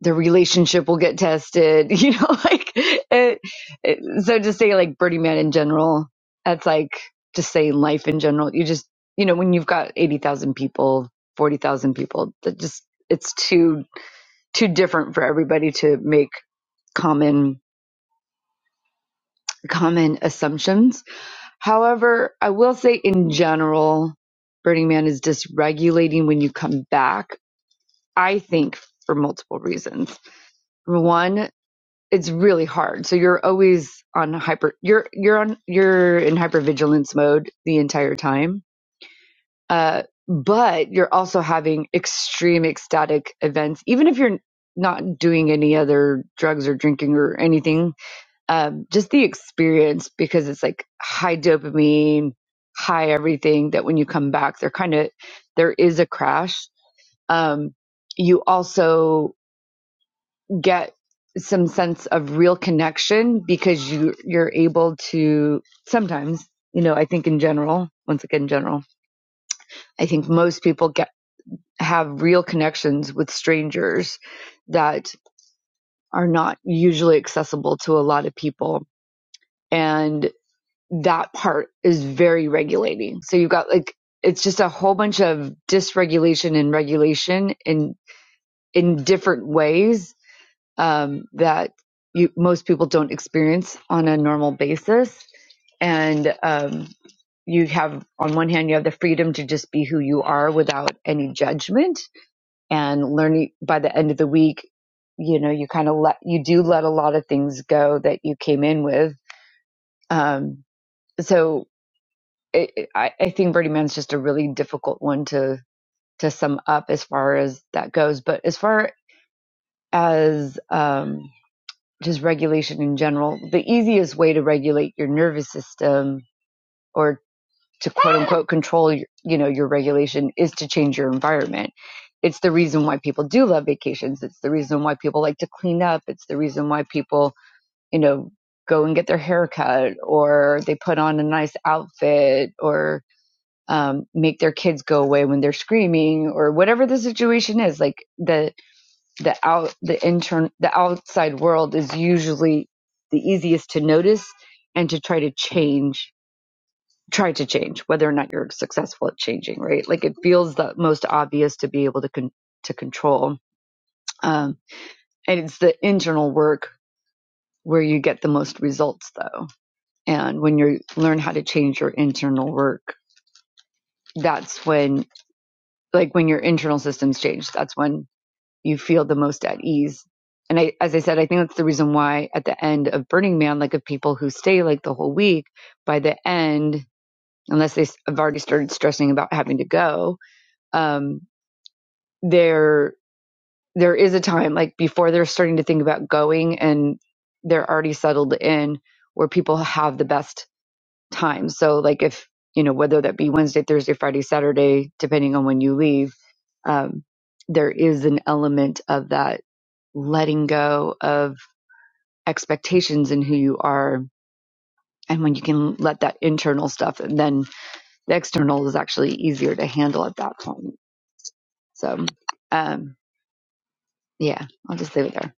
E: their relationship will get tested, you know, like it, it, so to say like Birdie Man in general, that's like just saying life in general. You just, you know, when you've got 80,000 people, 40,000 people, that just, it's too, too different for everybody to make common, common assumptions. However, I will say in general, Burning Man is dysregulating when you come back. I think for multiple reasons. Number One, it's really hard. So you're always on hyper you're you're on you're in hypervigilance mode the entire time. Uh but you're also having extreme ecstatic events even if you're not doing any other drugs or drinking or anything. Um just the experience because it's like high dopamine, high everything that when you come back they're kind of there is a crash. Um you also get some sense of real connection because you you're able to sometimes you know i think in general once again in general i think most people get have real connections with strangers that are not usually accessible to a lot of people and that part is very regulating so you've got like it's just a whole bunch of dysregulation and regulation in in different ways um, that you, most people don't experience on a normal basis. And um, you have, on one hand, you have the freedom to just be who you are without any judgment and learning by the end of the week, you know, you kind of let, you do let a lot of things go that you came in with. Um, so it, it- I, I think Birdie Man's just a really difficult one to, to sum up as far as that goes. But as far as, um, just regulation in general, the easiest way to regulate your nervous system or to quote unquote control your, you know your regulation is to change your environment. It's the reason why people do love vacations. It's the reason why people like to clean up. It's the reason why people, you know, go and get their hair cut or they put on a nice outfit or um, make their kids go away when they're screaming or whatever the situation is. Like the the out the intern the outside world is usually the easiest to notice and to try to change try to change whether or not you're successful at changing right like it feels the most obvious to be able to con- to control um, and it's the internal work where you get the most results though and when you learn how to change your internal work that's when like when your internal systems change that's when you feel the most at ease. And I, as I said, I think that's the reason why at the end of Burning Man, like of people who stay like the whole week, by the end, unless they have already started stressing about having to go, um, there there is a time like before they're starting to think about going and they're already settled in where people have the best time. So like if you know whether that be Wednesday, Thursday, Friday, Saturday, depending on when you leave, um, there is an element of that letting go of expectations in who you are. And when you can let that internal stuff, and then the external is actually easier to handle at that point. So, um, yeah, I'll just leave it there.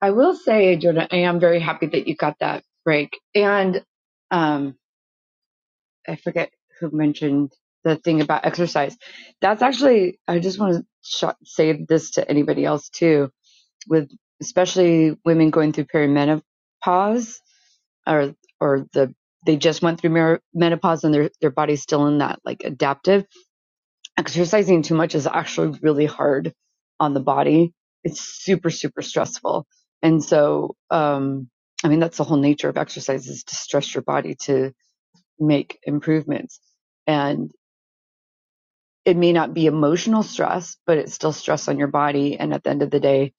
E: I will say, Jordan, I am very happy that you got that break. And um, I forget who mentioned the thing about exercise. That's actually, I just want to sh- say this to anybody else too with especially women going through perimenopause or or the they just went through menopause and their their body's still in that like adaptive exercising too much is actually really hard on the body it's super super stressful and so um i mean that's the whole nature of exercise is to stress your body to make improvements and it may not be emotional stress but it's still stress on your body and at the end of the day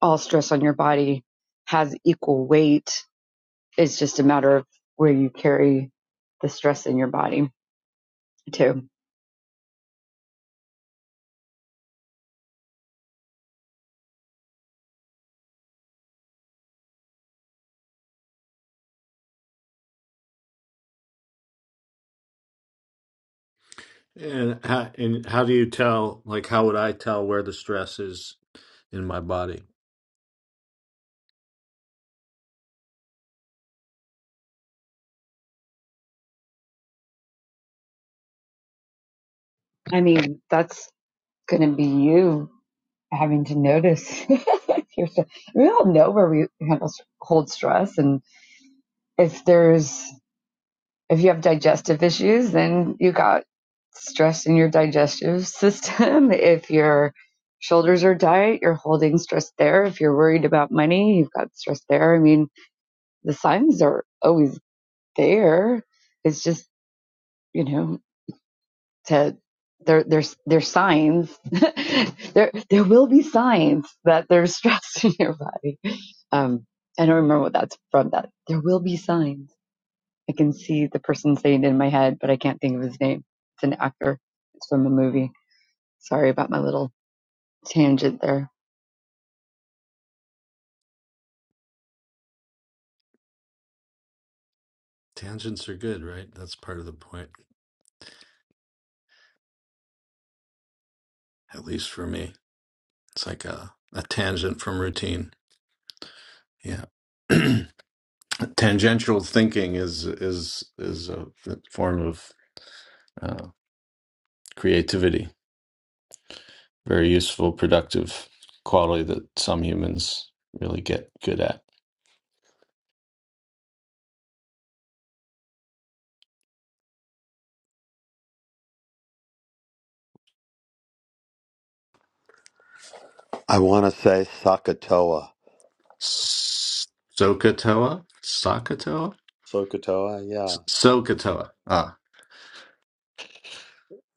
E: all stress on your body has equal weight. It's just a matter of where you carry the stress in your body, too.
C: And how, and how do you tell, like, how would I tell where the stress is in my body?
E: I mean, that's going to be you having to notice. your stress. we all know where we handle, hold stress, and if there's If you have digestive issues, then you got stress in your digestive system. if your shoulders are tight, you're holding stress there. If you're worried about money, you've got stress there. I mean, the signs are always there. It's just, you know, to there there's there's signs. there there will be signs that there's stress in your body. Um I don't remember what that's from that. There will be signs I can see the person saying it in my head, but I can't think of his name. It's an actor. It's from a movie. Sorry about my little tangent there.
C: Tangents are good, right? That's part of the point, at least for me. It's like a, a tangent from routine. Yeah. tangential thinking is is is a form of uh, creativity, very useful, productive quality that some humans really get good at.
B: I want to say Sakatoa.
C: Sokotoa, Sakatoa,
B: Sokotoa,
C: S-
B: yeah.
C: So Ah,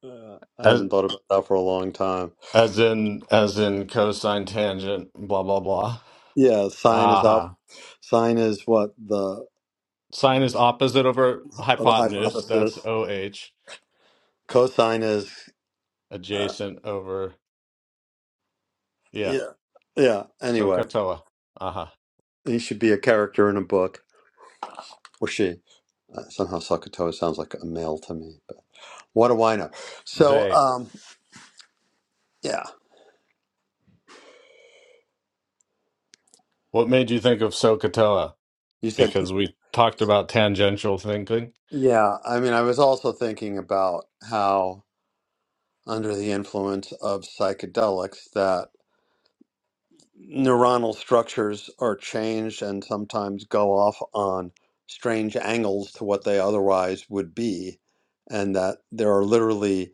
B: Uh, I
C: As
B: hadn't thought about that for a long time.
C: as in as in cosine tangent, blah blah blah.
B: Yeah, sign is up.
C: Aha.
B: Sign is what the
C: Sine is opposite over
B: of a
C: hypotenuse. That's
B: hypothesis.
C: OH.
B: Cosine is, uh,
C: Adjacent over yeah.
B: yeah, yeah. Anyway,
C: SOHCAHTOA. Aha.
B: he should be a character in a book, or she. Uh, somehow Sakatoa sounds like a male to me, but what do I know? So,
C: They.
B: um, yeah,
C: What made you think of SOHCAHTOA?
B: you said,
C: Because we talked about tangential thinking.
B: yeah. I mean, I was also thinking about how under the influence of psychedelics that neuronal structures are changed and sometimes go off on strange angles to what they otherwise would be, and that there are literally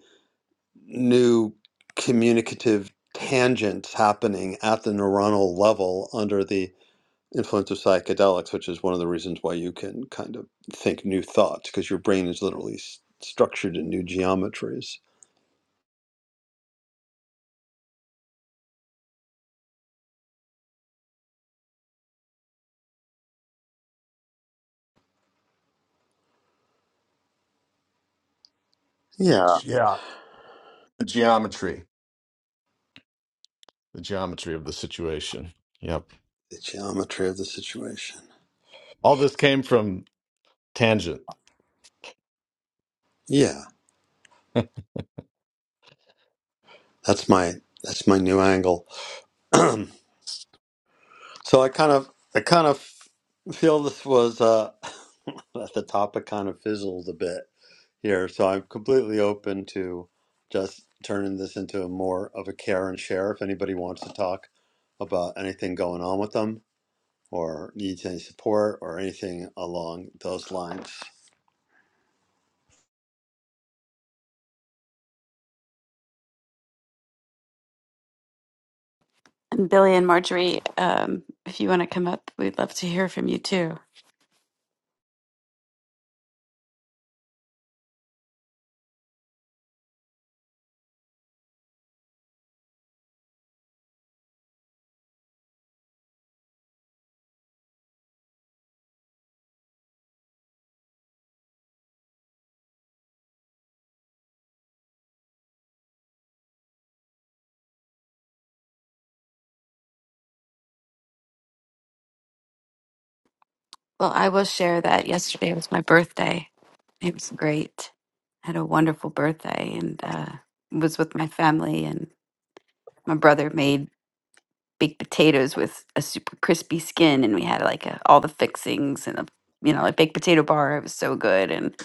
B: new communicative tangents happening at the neuronal level under the influence of psychedelics, which is one of the reasons why you can kind of think new thoughts because your brain is literally s- structured in new geometries. Yeah,
C: Yeah. The geometry. The geometry of the situation. Yep.
B: the geometry of the situation.
C: All this came from tangent.
B: Yeah,
C: Do
B: that's my that's my new angle. so I kind of I kind of feel this was uh, that the topic kind of fizzled a bit here. So I'm completely open to just turning this into a more of a care and share if anybody wants to talk about anything going on with them or needs any support or anything along those lines.
D: And Billy and Marjorie, um, if you want to come up, we'd love to hear from you too. Well, I will share that yesterday was my birthday. It was great. I had a wonderful birthday and uh, was with my family. And my brother made baked potatoes with a super crispy skin, and we had like a, all the fixings and a you know like baked potato bar. It was so good and it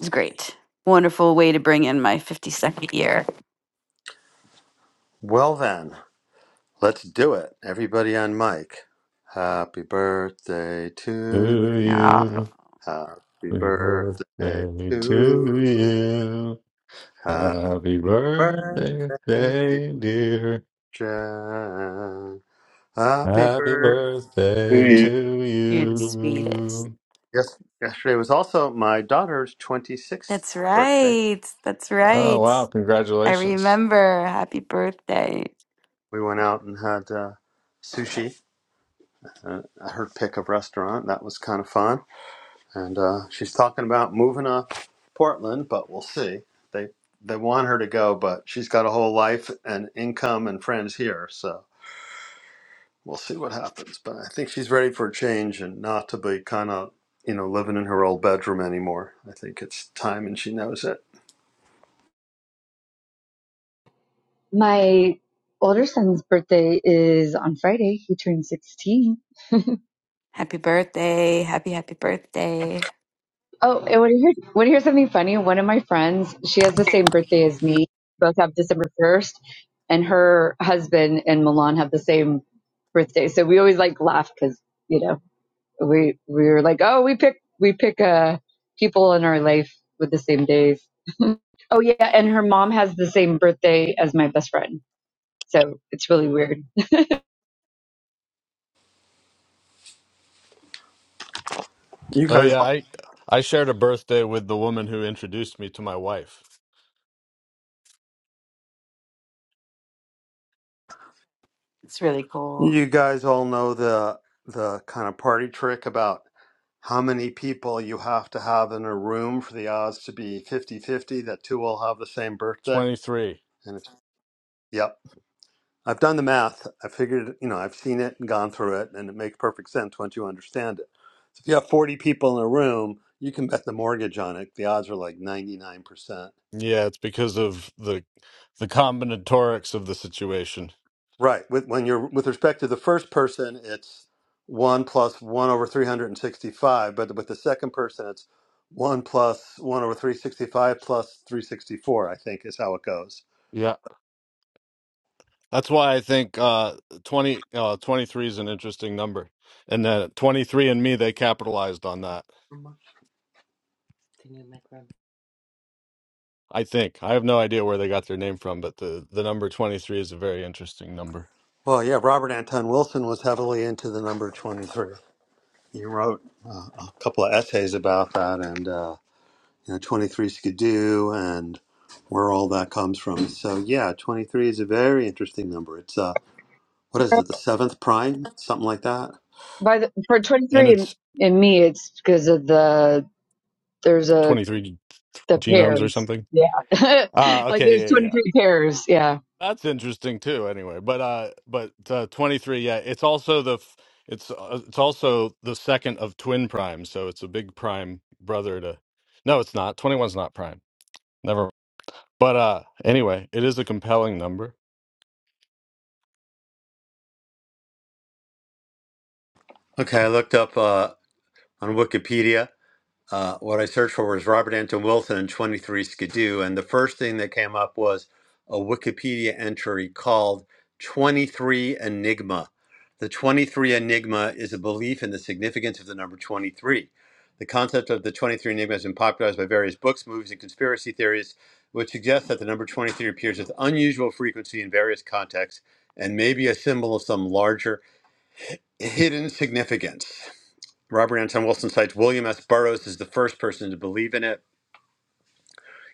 D: was great. Wonderful way to bring in my 52nd year.
B: Well then, let's do it. Everybody on mic. Happy birthday to you.
D: Yeah.
C: you?
B: Happy
C: Happy
B: birthday
C: birthday to
B: to
C: you.
B: you.
C: Happy
B: birthday,
C: birthday, dear.
B: John. Happy
C: Happy
B: birthday.
C: birthday
D: Yeah.
C: to you.
B: Yes, yesterday was also my daughter's
D: That's
B: 26th birthday.
D: right. That's
C: Oh
D: right.
C: wow,
D: I
C: congratulations.
D: remember. Happy birthday.
B: We went out and had uh, sushi, uh, her pick of restaurant. That was kind of fun. And uh, she's talking about moving to Portland, but we'll see. They they want her to go, but she's got a whole life and income and friends here. So we'll see what happens. But I think she's ready for a change and not to be kind of, you know, living in her old bedroom anymore. I think it's time, and she knows it.
E: My older son's birthday is on Friday. He turned 16.
D: Happy birthday. Happy, happy birthday.
E: Oh, and want to hear, want to hear something funny? One of my friends, she has the same birthday as me. Both have December 1st, and her husband and Milan have the same birthday. So we always like laugh because, you know, we, we were like, oh, we pick, we pick, uh, people in our life with the same days Oh yeah, and her mom has the same birthday as my best friend, so it's really weird.
B: You
C: Oh
B: guys,
C: yeah, I I shared a birthday with the woman who introduced me to my wife.
D: It's really cool.
B: you guys all know the the kind of party trick about how many people you have to have in a room for the odds to be fifty fifty that two all have the same birthday.
C: 23.
B: And it's yep. I've done the math. I figured, you know, I've seen it and gone through it, and it makes perfect sense once you understand it. So if you have 40 people in a room, you can bet the mortgage on it. The odds are like 99%.
C: Yeah, it's because of the the combinatorics of the situation.
B: Right. With when you're with respect to the first person, it's one plus one over 365, but with the second person, it's one plus one over 365 plus 364. I think is how it goes.
C: Yeah. That's why I think uh, 20, uh, 23 is an interesting number. And that 23 and me, they capitalized on that. I think. I have no idea where they got their name from, but the, the number 23 is a very interesting number.
B: Well, yeah, Robert Anton Wilson was heavily into the number 23. You wrote uh, a couple of essays about that, and uh, you know, 23 Skidoo, and where all that comes from. So yeah, 23 is a very interesting number. It's uh, what is it, the seventh prime, something like that?
E: By the for twenty
C: And
E: three and,
C: it's
E: and me, it's because of the there's a
C: 23
E: the
C: genomes or
E: pairs.
C: something.
E: Yeah,
C: Ah,
E: like
C: okay.
E: there's
C: yeah, yeah.
E: twenty
C: yeah.
E: three pairs. Yeah.
C: That's interesting too. Anyway, but uh, but uh, twenty three. Yeah, it's also the f- it's uh, it's also the second of twin primes, so it's a big prime brother to. No, it's not. Twenty one's not prime. Never. But uh, anyway, it is a compelling number.
B: Okay, I looked up uh, on Wikipedia. uh, what I searched for was Robert Anton Wilson and 23 Skidoo. And the first thing that came up was a Wikipedia entry called 23 Enigma. The 23 Enigma is a belief in the significance of the number 23. The concept of the 23 Enigma has been popularized by various books, movies, and conspiracy theories, which suggest that the number 23 appears with unusual frequency in various contexts and may be a symbol of some larger hidden significance. Robert Anton Wilson cites William S. Burroughs as the first person to believe in it.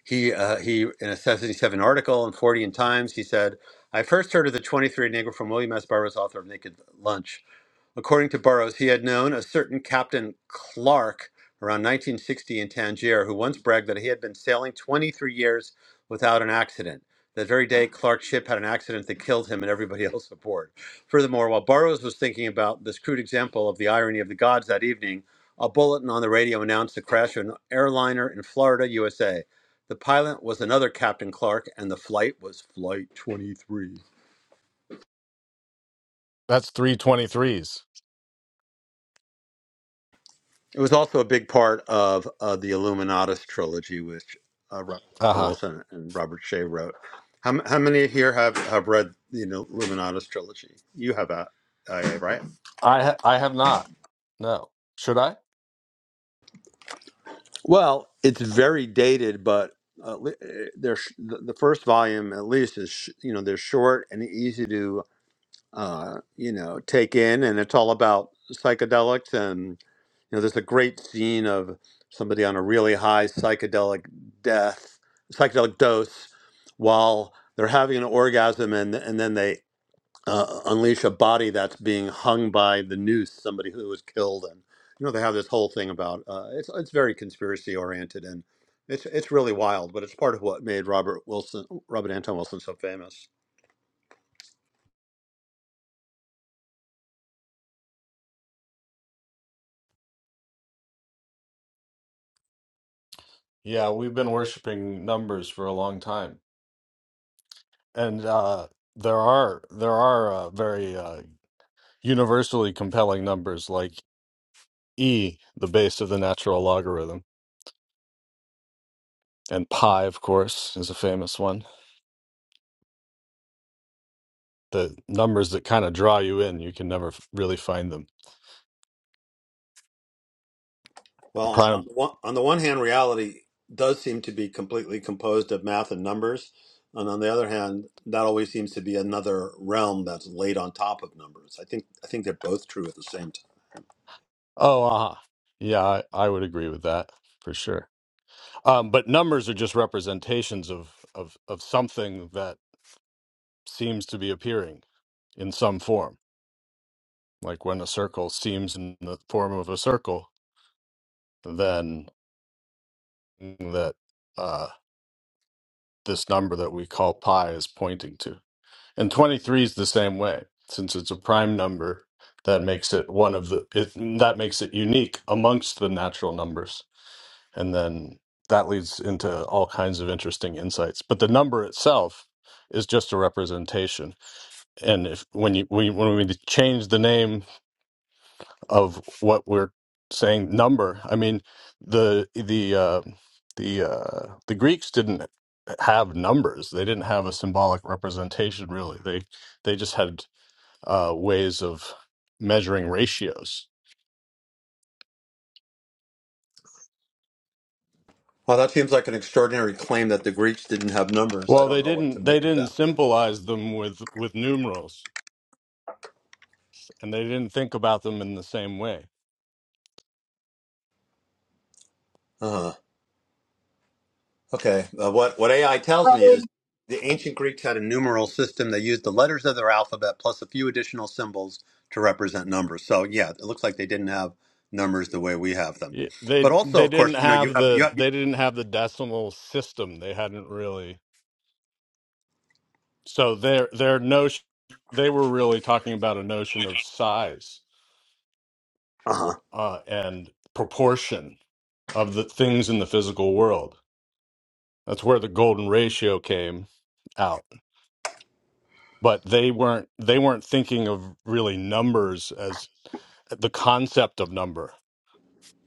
B: He, uh, he, in a 77 article in 40 in Times, he said, I first heard of the 23 Negro from William S. Burroughs, author of Naked Lunch. According to Burroughs, he had known a certain Captain Clark around 1960 in Tangier, who once bragged that he had been sailing 23 years without an accident. That very day, Clark's ship had an accident that killed him and everybody else aboard. Furthermore, while Burroughs was thinking about this crude example of the irony of the gods that evening, a bulletin on the radio announced the crash of an airliner in Florida, USA. The pilot was another Captain Clark, and the flight was Flight 23.
C: That's three twenty threes.
B: It was also a big part of uh, the Illuminatus trilogy, which uh, Robert
C: Uh huh.
B: Wilson and Robert Shea wrote. How, m- how many here have, have read the Illuminatus trilogy? You have, uh, IA, right?
C: I ha- I have not. No. Should I?
B: Well, it's very dated, but uh, li- eh, they're, sh- the, the first volume, at least, is sh- you know they're short and easy to uh, you know take in, and it's all about psychedelics You know, there's a great scene of somebody on a really high psychedelic death, psychedelic dose, while they're having an orgasm, and and then they uh, unleash a body that's being hung by the noose, somebody who was killed, and you know they have this whole thing about uh, it's it's very conspiracy oriented and. It's, it's really wild, but it's part of what made Robert Wilson, Robert Anton Wilson, so famous.
C: Yeah, we've been worshiping numbers for a long time, and uh, there are there are uh, very uh, universally compelling numbers like e the base of the natural logarithm and pi of course is a famous one the numbers that kind of draw you in you can never f- really find them
B: Well, on
C: prime
B: the one, on the one hand, reality does seem to be completely composed of math and numbers, and on the other hand, that always seems to be another realm that's laid on top of numbers. I think I think they're both true at the same time.
C: oh aha yeah I, I would agree with that for sure um, but numbers are just representations of, of of something that seems to be appearing in some form like when a circle seems in the form of a circle then that uh, this number that we call pi is pointing to And 23 is the same way. Since it's a prime number, that makes it one of the it, that makes it unique amongst the natural numbers. And then that leads into all kinds of interesting insights. But the number itself is just a representation. And if when you we, when we change the name of what we're saying number, I mean the the uh, the uh, the Greeks didn't have numbers. They didn't have a symbolic representation really. They they just had uh, ways of measuring ratios.
B: Well, that seems like an extraordinary claim that the Greeks didn't have numbers. I
C: Well, they
B: don't know what to
C: didn't they
B: make of
C: didn't symbolize them with with numerals, and they didn't think about them in the same way.
B: that. Okay. Uh, what what AI tells me is the ancient Greeks had a numeral system. They used the letters of their alphabet plus a few additional symbols to represent numbers. So yeah, it looks like they didn't have numbers the way we have them.
C: Y-
B: But
C: They
B: also,
C: they
B: of
C: didn't
B: course, you know, you
C: have
B: have you
C: the
B: have
C: they didn't have the decimal system. They hadn't really so their their notion they were really talking about a notion of size
B: uh huh.
C: uh, and proportion of the things in the physical world. That's where the golden ratio came out but they weren't they weren't thinking of really numbers as the concept of number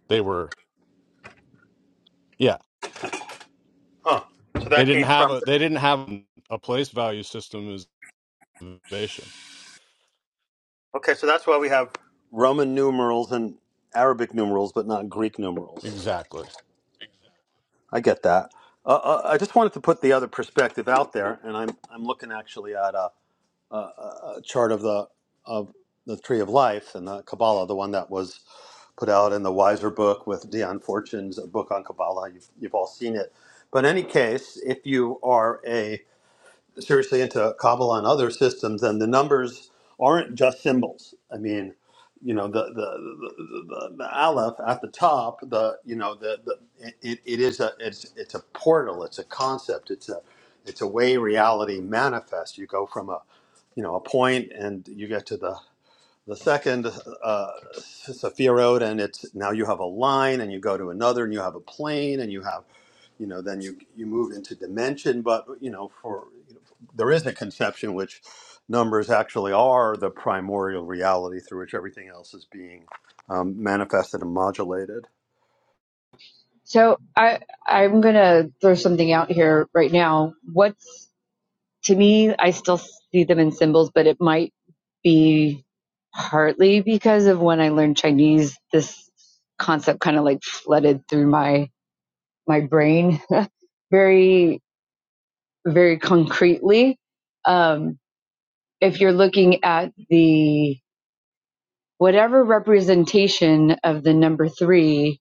C: they were yeah
B: Huh. So
C: they
B: that
C: didn't
B: came
C: have
B: from.
C: a they didn't have a place value system as innovation
B: Okay, so that's why we have Roman numerals and Arabic numerals, but not Greek numerals.
C: exactly
B: I get that. Uh, uh, I just wanted to put the other perspective out there, and I'm I'm looking actually at. uh, uh, chart of the of the tree of life and the Kabbalah, the one that was put out in the Wiser book with Dion Fortune's book on Kabbalah. You've, you've all seen it. But in any case, if you are a seriously into Kabbalah and other systems, and the numbers aren't just symbols. I mean, you know, the the the, the, the aleph at the top, the you know, the, the it, it is a it's it's a portal, it's a concept, it's a it's a way reality manifests. You go from a you know a point, and you get to the the second uh, Sophia and it's now you have a line, and you go to another, and you have a plane, and you have you know then you you move into dimension but you know for you know, there is a conception which numbers actually are the primordial reality through which everything else is being um, manifested and modulated
E: So I I'm gonna throw something out here right now. What's to me, I still see them in symbols, but it might be partly because of when I learned Chinese. This concept kind of like flooded through my my brain very, very concretely. Um, if you're looking at the whatever representation of the number three,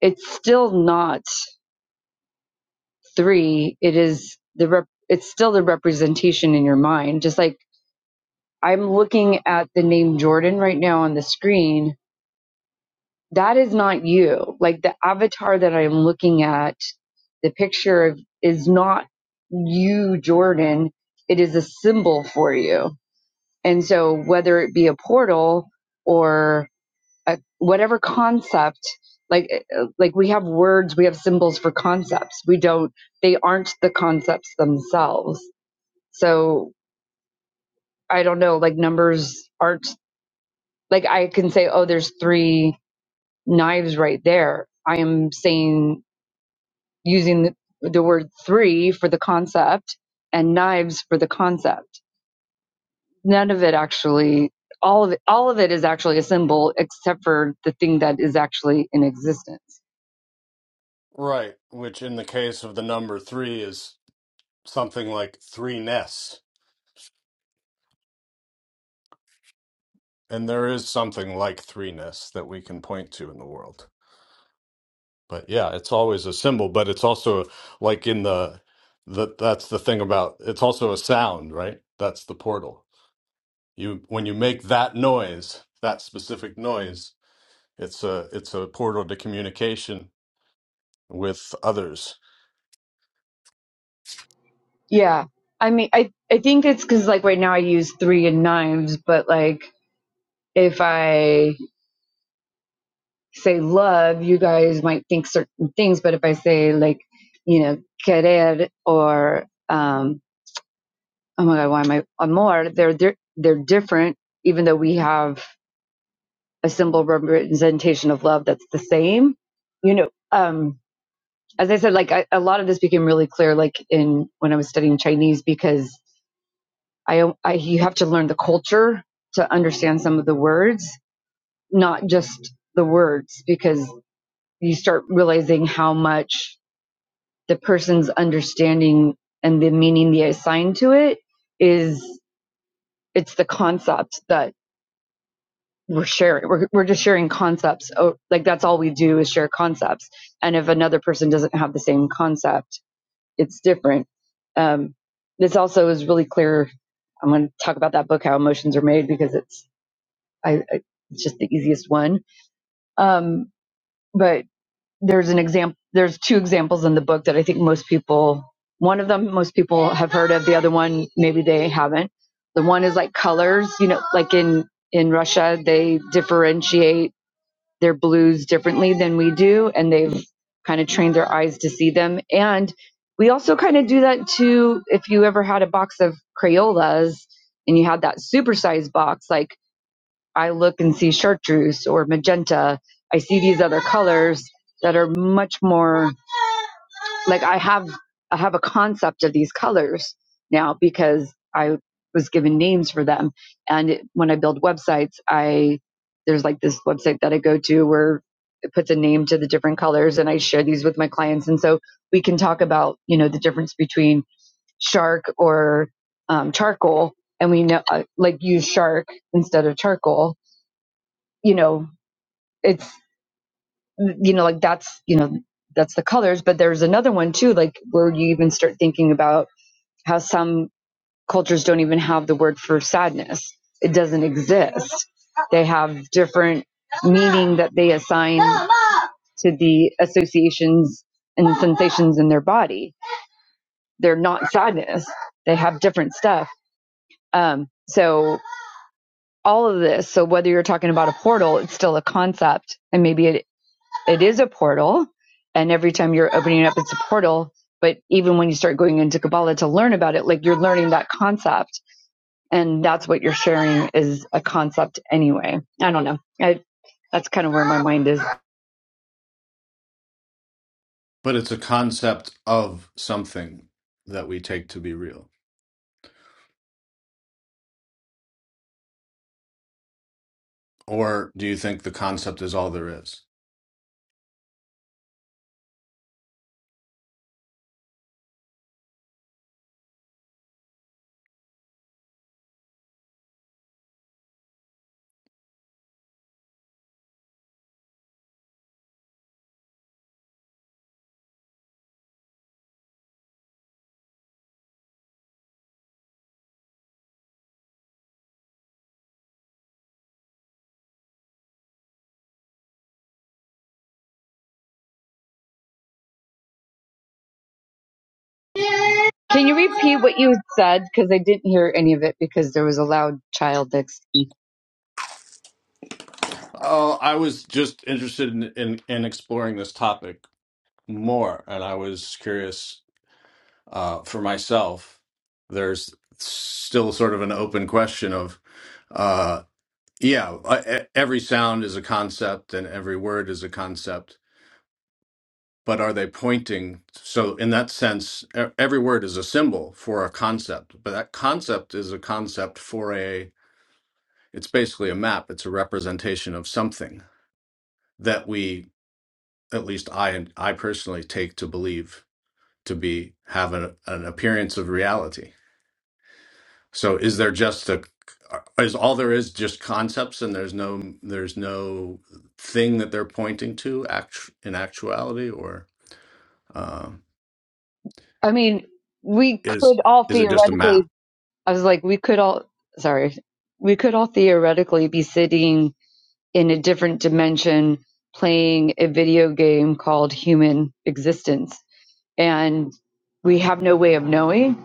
E: it's still not three. It is the rep- it's still the representation in your mind. Just like I'm looking at the name Jordan right now on the screen. That is not you. Like the avatar that I'm looking at, the picture of is not you, Jordan. It is a symbol for you And so, whether it be a portal or a, whatever concept, like uh, like we have words, we have symbols for concepts. We don't; they aren't the concepts themselves. So I don't know. Like numbers aren't like I can say, oh, there's three knives right there. I am saying using the, the word three for the concept and knives for the concept none of it actually all of it all of it is actually a symbol except for the thing that is actually in existence
C: right which in the case of the number three is something like three ness and there is something like three ness that we can point to in the world but yeah it's always a symbol but it's also like in the that that's the thing about it's also a sound right that's the portal You when you make that noise, that specific noise, it's a it's a portal to communication with others.
E: Yeah. I mean, I, I think it's because, like, right now I use three and knives, but, like, if I say love, you guys might think certain things. But if I say, like, you know, querer or, um, oh my God, why am I amor? They're, they're, they're different, even though we have a symbol representation of love that's the same, you know. Um, as I said, like I, a lot of this became really clear, like in when I was studying Chinese, because I, I you have to learn the culture to understand some of the words, not just the words, because you start realizing how much the person's understanding and the meaning they assign to it is. It's the concept that we're sharing. We're we're just sharing concepts. Oh, like that's all we do is share concepts. And if another person doesn't have the same concept it's different. Um, this also is really clear. I'm going to talk about that book, How Emotions Are Made, because it's I, I it's just the easiest one. Um, but there's an example. There's two examples in the book that I think most people. One of them most people have heard of. The other one maybe they haven't. The one is like colors. You know, like in in Russia they differentiate their blues differently than we do and they've kind of trained their eyes to see them and we also kind of do that too if you ever had a box of crayolas and you had that supersized box like i look and see chartreuse or magenta i see these other colors that are much more like I have I have a concept of these colors now because I was given names for them. And it, when I build websites, I there's like this website that I go to where it puts a name to the different colors, and I share these with my clients. And so we can talk about you know the difference between shark or um, charcoal, and we know uh, like use shark instead of charcoal. You know, it's you know like that's you know that's the colors but there's another one too like where you even start thinking about how some cultures don't even have the word for sadness it doesn't exist they have different meaning that they assign to the associations and sensations in their body they're not sadness they have different stuff um so all of this so whether you're talking about a portal it's still a concept and maybe it. it is a portal. And every time you're opening it up, it's a portal. But even when you start going into Kabbalah to learn about it, like you're learning that concept. And that's what you're sharing is a concept anyway. I don't know. I, that's kind of where my mind is.
C: But it's a concept of something that we take to be real. Or do you think the concept is all there is?
E: Can you repeat what you said? Because I didn't hear any of it because there was a loud child next to me.
C: Oh, I was just interested in in, in exploring this topic more, and I was curious uh, for myself. There's still sort of an open question of uh, Yeah, uh, e- every sound is a concept and every word is a concept, but are they pointing? So, in that sense, e- every word is a symbol for a concept, but that concept is a concept for a, it's basically a map, it's a representation of something that we, at least I and I personally take to believe to be have an, an appearance of reality. So is there just a is all there is just concepts and there's no there's no thing that they're pointing to act in actuality or um,
E: I mean, we
C: is
E: could all
C: is it just a map?
E: theoretically, I was like, we could all, sorry, we could all theoretically be sitting in a different dimension playing a video game called Human Existence. And we have no way of knowing.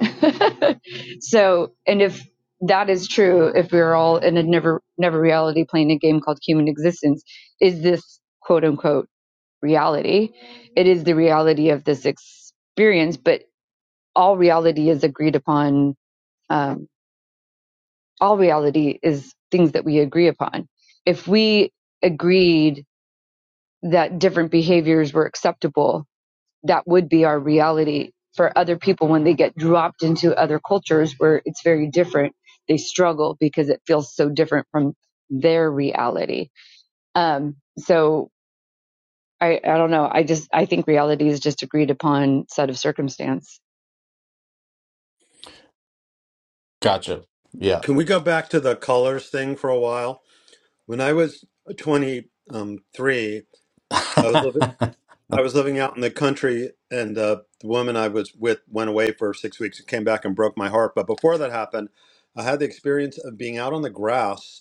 E: so, and if that is true, if we're all in a never, never reality playing a game called Human Existence, is this quote unquote reality? It is the reality of this experience, but all reality is agreed upon. Um, all reality is things that we agree upon. If we agreed that different behaviors were acceptable, that would be our reality for other people when they get dropped into other cultures where it's very different. They struggle because it feels so different from their reality. Um, so I, I don't know. I just I think reality is just agreed upon set of circumstance.
C: Gotcha. Yeah.
B: can we go back to the colors thing for a while when i was 23 i was living I was living out in the country, and uh, the woman I was with went away for six weeks and came back and broke my heart. But before that happened, I had the experience of being out on the grass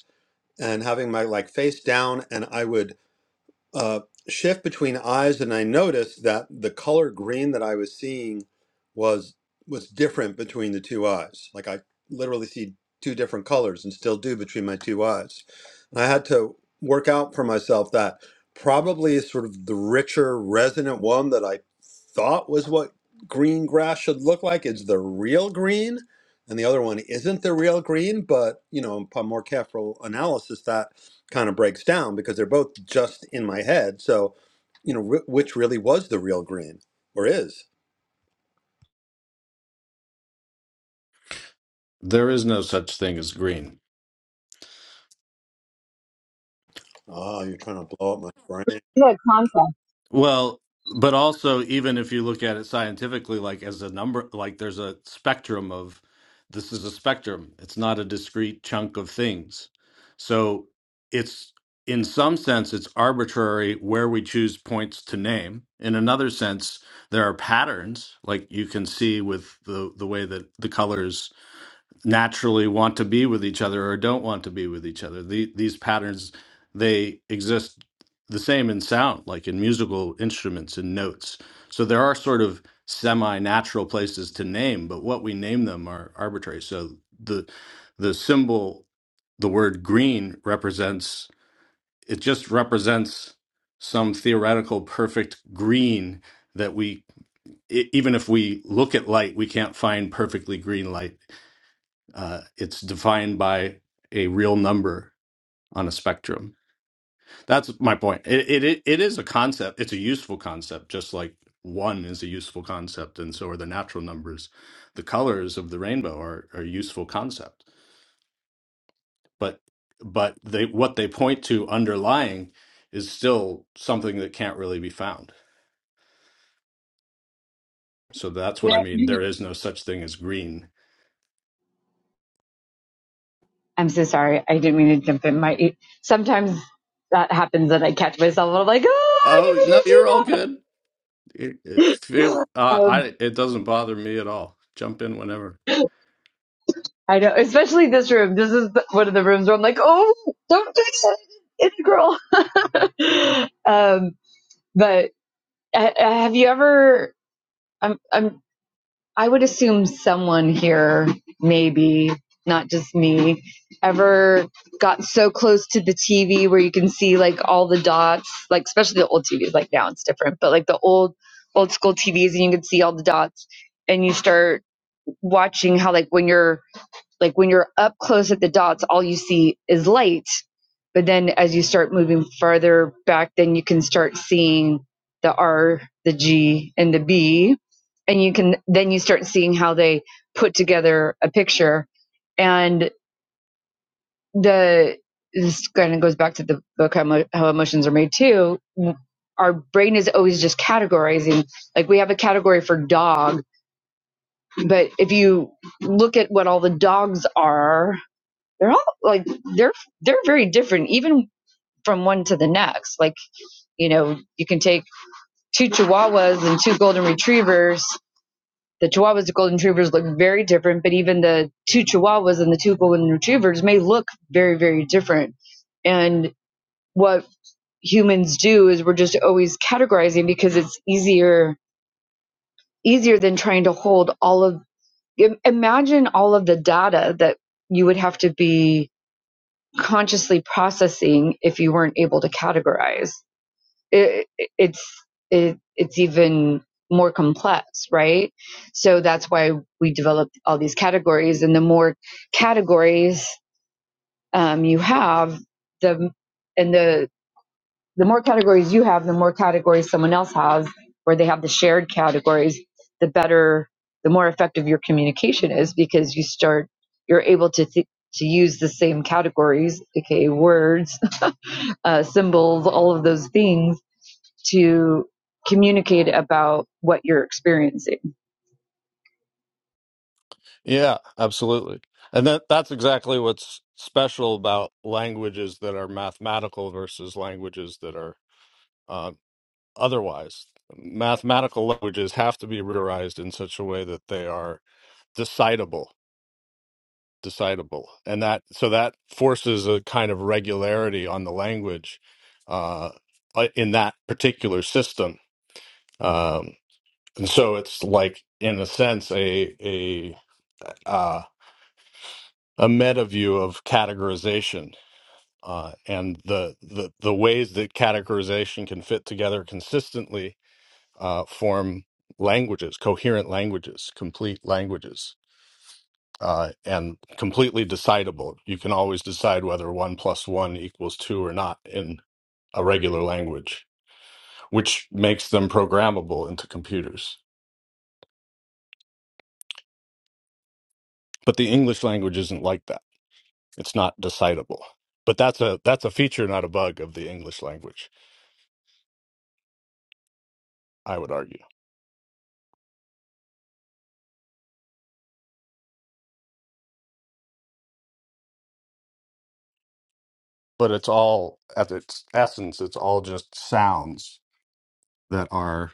B: and having my like face down and i would uh, shift between eyes and i noticed that the color green that i was seeing was was different between the two eyes like i literally see two different colors and still do between my two eyes and i had to work out for myself that probably is sort of the richer resonant one that i thought was what green grass should look like is the real green and the other one isn't the real green but you know upon more careful analysis that kind of breaks down because they're both just in my head. So, you know, wh- which really was the real green or is?
C: there is no such thing as green.
B: Oh, you're trying to blow up my brain.
E: The concept.
C: Well, but also even if you look at it scientifically, like as a number, like there's a spectrum of this is a spectrum. It's not a discrete chunk of things. So it's in some sense it's arbitrary where we choose points to name. In another sense, there are patterns like you can see with the the way that the colors naturally want to be with each other or don't want to be with each other. The, these patterns, they exist the same in sound, like in musical instruments and notes. So there are sort of semi-natural places to name, but what we name them are arbitrary. So the the symbol, the word green represents it just represents some theoretical perfect green that we e- even if we look at light, we can't find perfectly green light uh, it's defined by a real number on a spectrum. That's my point. It, it it it is a concept. It's a useful concept, just like one is a useful concept, and so are the natural numbers. The colors of the rainbow are are a useful concept, but but they what they point to underlying is still something that can't really be found. So that's what
E: Yeah.
C: I mean. There is no such thing as green.
E: I'm so sorry. I didn't mean to jump in. My sometimes that happens that I catch myself and I'm like, oh, I didn't
C: Oh no,
E: mean to do
C: you're all good. It, it feel
E: that.
C: uh,
E: Um,
C: I it doesn't bother me at all. Jump in whenever.
E: I know, especially this room. This is the, one of the rooms where I'm like, oh, don't do that, integral. um, but uh, uh, have you ever? I'm, I'm, I would assume someone here, maybe not just me, ever got so close to the TV where you can see like all the dots, like especially the old TVs. Like now it's different, but like the old, old school TVs, and you can see all the dots, and you start watching how like when you're like when you're up close at the dots, all you see is light. But then as you start moving farther back, then you can start seeing the R, the G, and the B. And you can then you start seeing how they put together a picture. And the this kind of goes back to the book how, how emotions are made too. Our brain is always just categorizing. Like we have a category for dog, but if you look at what all the dogs are, they're all like they're they're very different even from one to the next like you know you can take two chihuahuas and two golden retrievers the chihuahuas and golden retrievers look very different but even the two chihuahuas and the two golden retrievers may look very very different and what humans do is we're just always categorizing because it's easier easier than trying to hold all of imagine all of the data that you would have to be consciously processing if you weren't able to categorize. It, it's it, it's even more complex, right? So that's why we developed all these categories, and the more categories um, you have, the and the the more categories you have, the more categories someone else has, where they have the shared categories, the better, the more effective your communication is because you start, you're able to th- to use the same categories, aka words, uh, symbols, all of those things to communicate about what you're experiencing.
C: Yeah, absolutely. And that that's exactly what's special about languages that are mathematical versus languages that are uh, otherwise. Mathematical languages have to be routerized in such a way that they are decidable, decidable, and that so that forces a kind of regularity on the language uh, uh, in that particular system. Um, and so it's like, in a sense, a a uh, a meta view of categorization uh, and the, the the ways that categorization can fit together consistently uh, form languages, coherent languages, complete languages, uh, and completely decidable. You can always decide whether one plus one equals two or not in a regular language, which makes them programmable into computers. But the English language isn't like that. It's not decidable. But that's a that's a feature, not a bug, of the English language. I would argue. but it's all at its essence it's all just sounds that are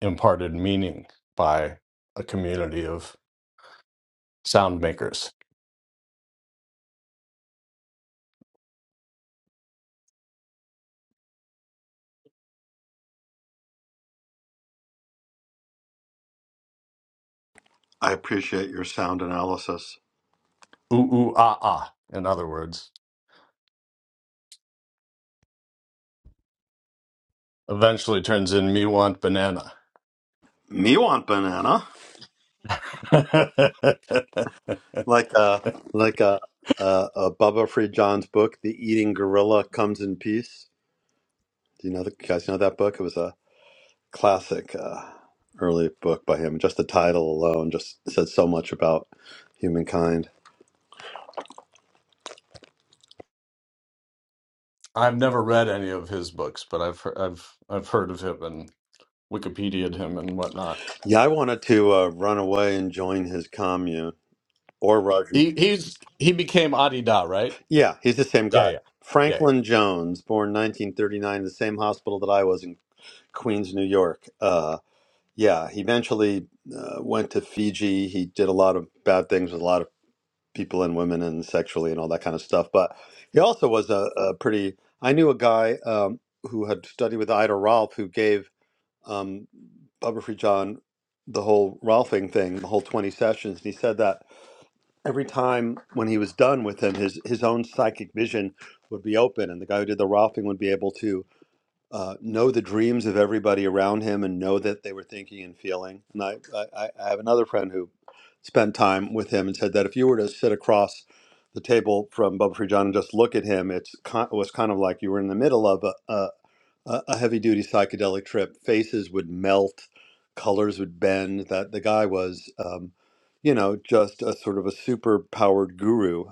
C: imparted meaning by a community of sound makers
B: I appreciate your sound analysis.
C: ooh ooh ah ah in other words eventually turns in me want banana
B: Me want banana.
C: i've
B: Like uh like a a, a Bubba Free John's book, The Eating Gorilla Comes in Peace. Do you know the you guys know that book? It was a classic uh early book by him. Just the title alone just said so much about humankind.
C: never read any of his books but i've he- i've i've heard of him and wikipedia would him and whatnot
B: Yeah, I wanted to uh, run away and join his commune Or Roger.
C: He he's he became Adida, right?
B: Yeah, he's the same
C: Yeah,
B: guy.
C: yeah, yeah, yeah.
B: Franklin Jones, born 1939, the same hospital that I was in Queens, New York. Uh, yeah, he eventually uh, went to Fiji. He did a lot of bad things with a lot of people and women and sexually and all that kind of stuff. But he also was a, a pretty. I knew a guy um, who had studied with Ida Rolf who gave um, Bubba Free John the whole Rolfing thing, the whole 20 sessions. And he said that. every time when he was done with him, his his own psychic vision would be open, and the guy who did the Ralphing would be able to uh, know the dreams of everybody around him and know that they were thinking and feeling. And I, I, I have another friend who spent time with him and said that if you were to sit across the table from Bubba Free John and just look at him, it's ki it was kind of like you were in the middle of a, a, a heavy duty psychedelic trip. Faces would melt, colors would bend. That the guy was, um, you know, just a sort of a super powered guru.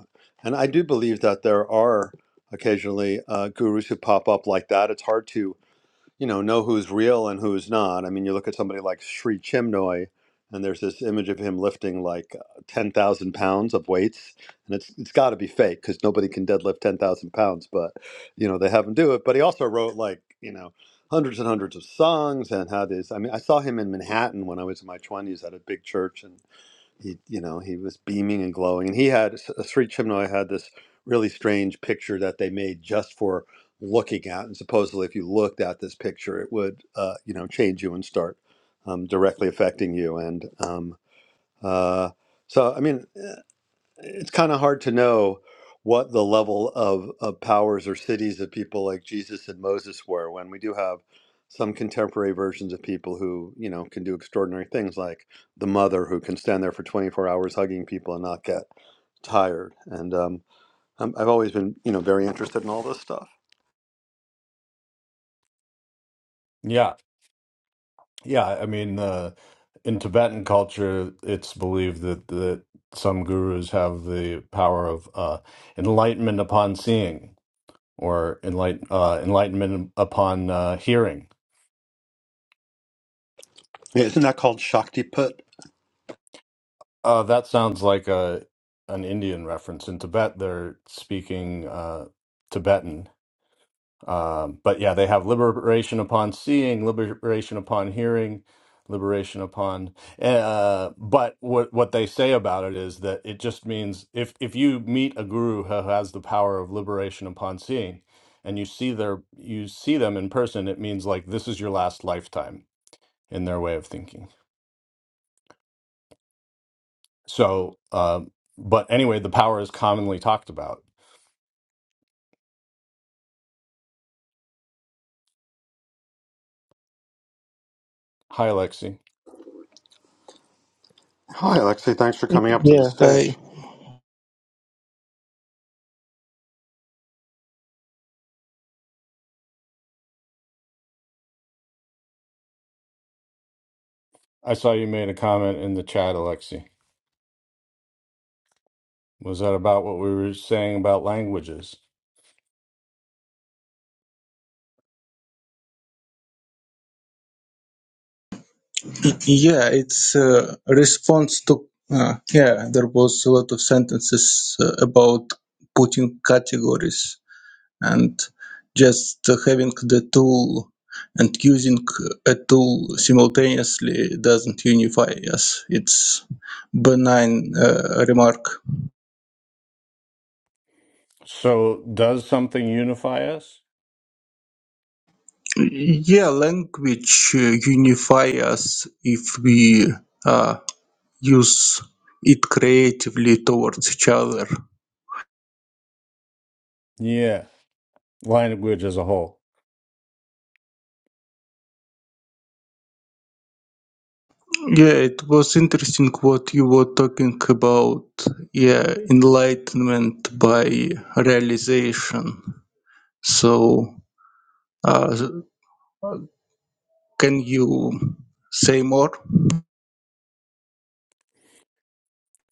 B: And I do believe that there are occasionally uh, gurus who pop up like that. It's hard to you know know who's real and who's not. I mean, you look at somebody like Sri Chinmoy, and there's this image of him lifting like uh, ten thousand pounds of weights, and it's it's got to be fake because nobody can deadlift ten thousand pounds. But you know they have him do it. But he also wrote like you know hundreds and hundreds of songs and had this. I mean, I saw him in Manhattan when I was in my twenties at a big church, and he you know he was beaming and glowing and he had Sri Chimnoy had this really strange picture that they made just for looking at and supposedly if you looked at this picture it would uh, you know change you and start um, directly affecting you and um, uh, so I mean it's kind of hard to know what the level of, of powers or cities of people like Jesus and Moses were when we do have some contemporary versions of people who, you know, can do extraordinary things like the mother who can stand there for 24 hours hugging people and not get tired. And um, I'm, I've always been, you know, very interested in all this stuff.
C: Yeah, yeah. I mean, uh, in Tibetan culture, it's believed that that some gurus have the power of uh, enlightenment upon seeing or enlight uh, enlightenment upon uh, hearing.
B: Yeah, isn't that called Shaktiput?
C: Uh, that sounds like a an Indian reference. In Tibet, they're speaking uh, Tibetan, Um, but yeah, they have liberation upon seeing, liberation upon hearing, liberation upon. eh, Uh, but what what they say about it is that it just means if if you meet a guru who has the power of liberation upon seeing, and you see their you see them in person, it means like this is your last lifetime in their way of thinking. So, uh, but anyway, the power is commonly talked about. Hi, Alexi.
B: Hi, Alexei. Thanks for coming up to the
F: Yeah, hi.
B: stage.
C: I saw you made a comment in the chat, Alexi. Was that about what we were saying about languages?
F: Y- Yeah, it's uh, a response to. Uh, yeah, there was a lot of sentences uh, about putting categories and just uh, having the tool and using a tool simultaneously doesn't unify us. It's benign uh, remark.
C: So, does something unify us?
F: Yeah, language uh, unify us if we uh, use it creatively towards each other.
C: Yeah, language as a whole.
F: Yeah, it was interesting what you were talking about. Yeah, enlightenment by realization. So, uh, can you say more?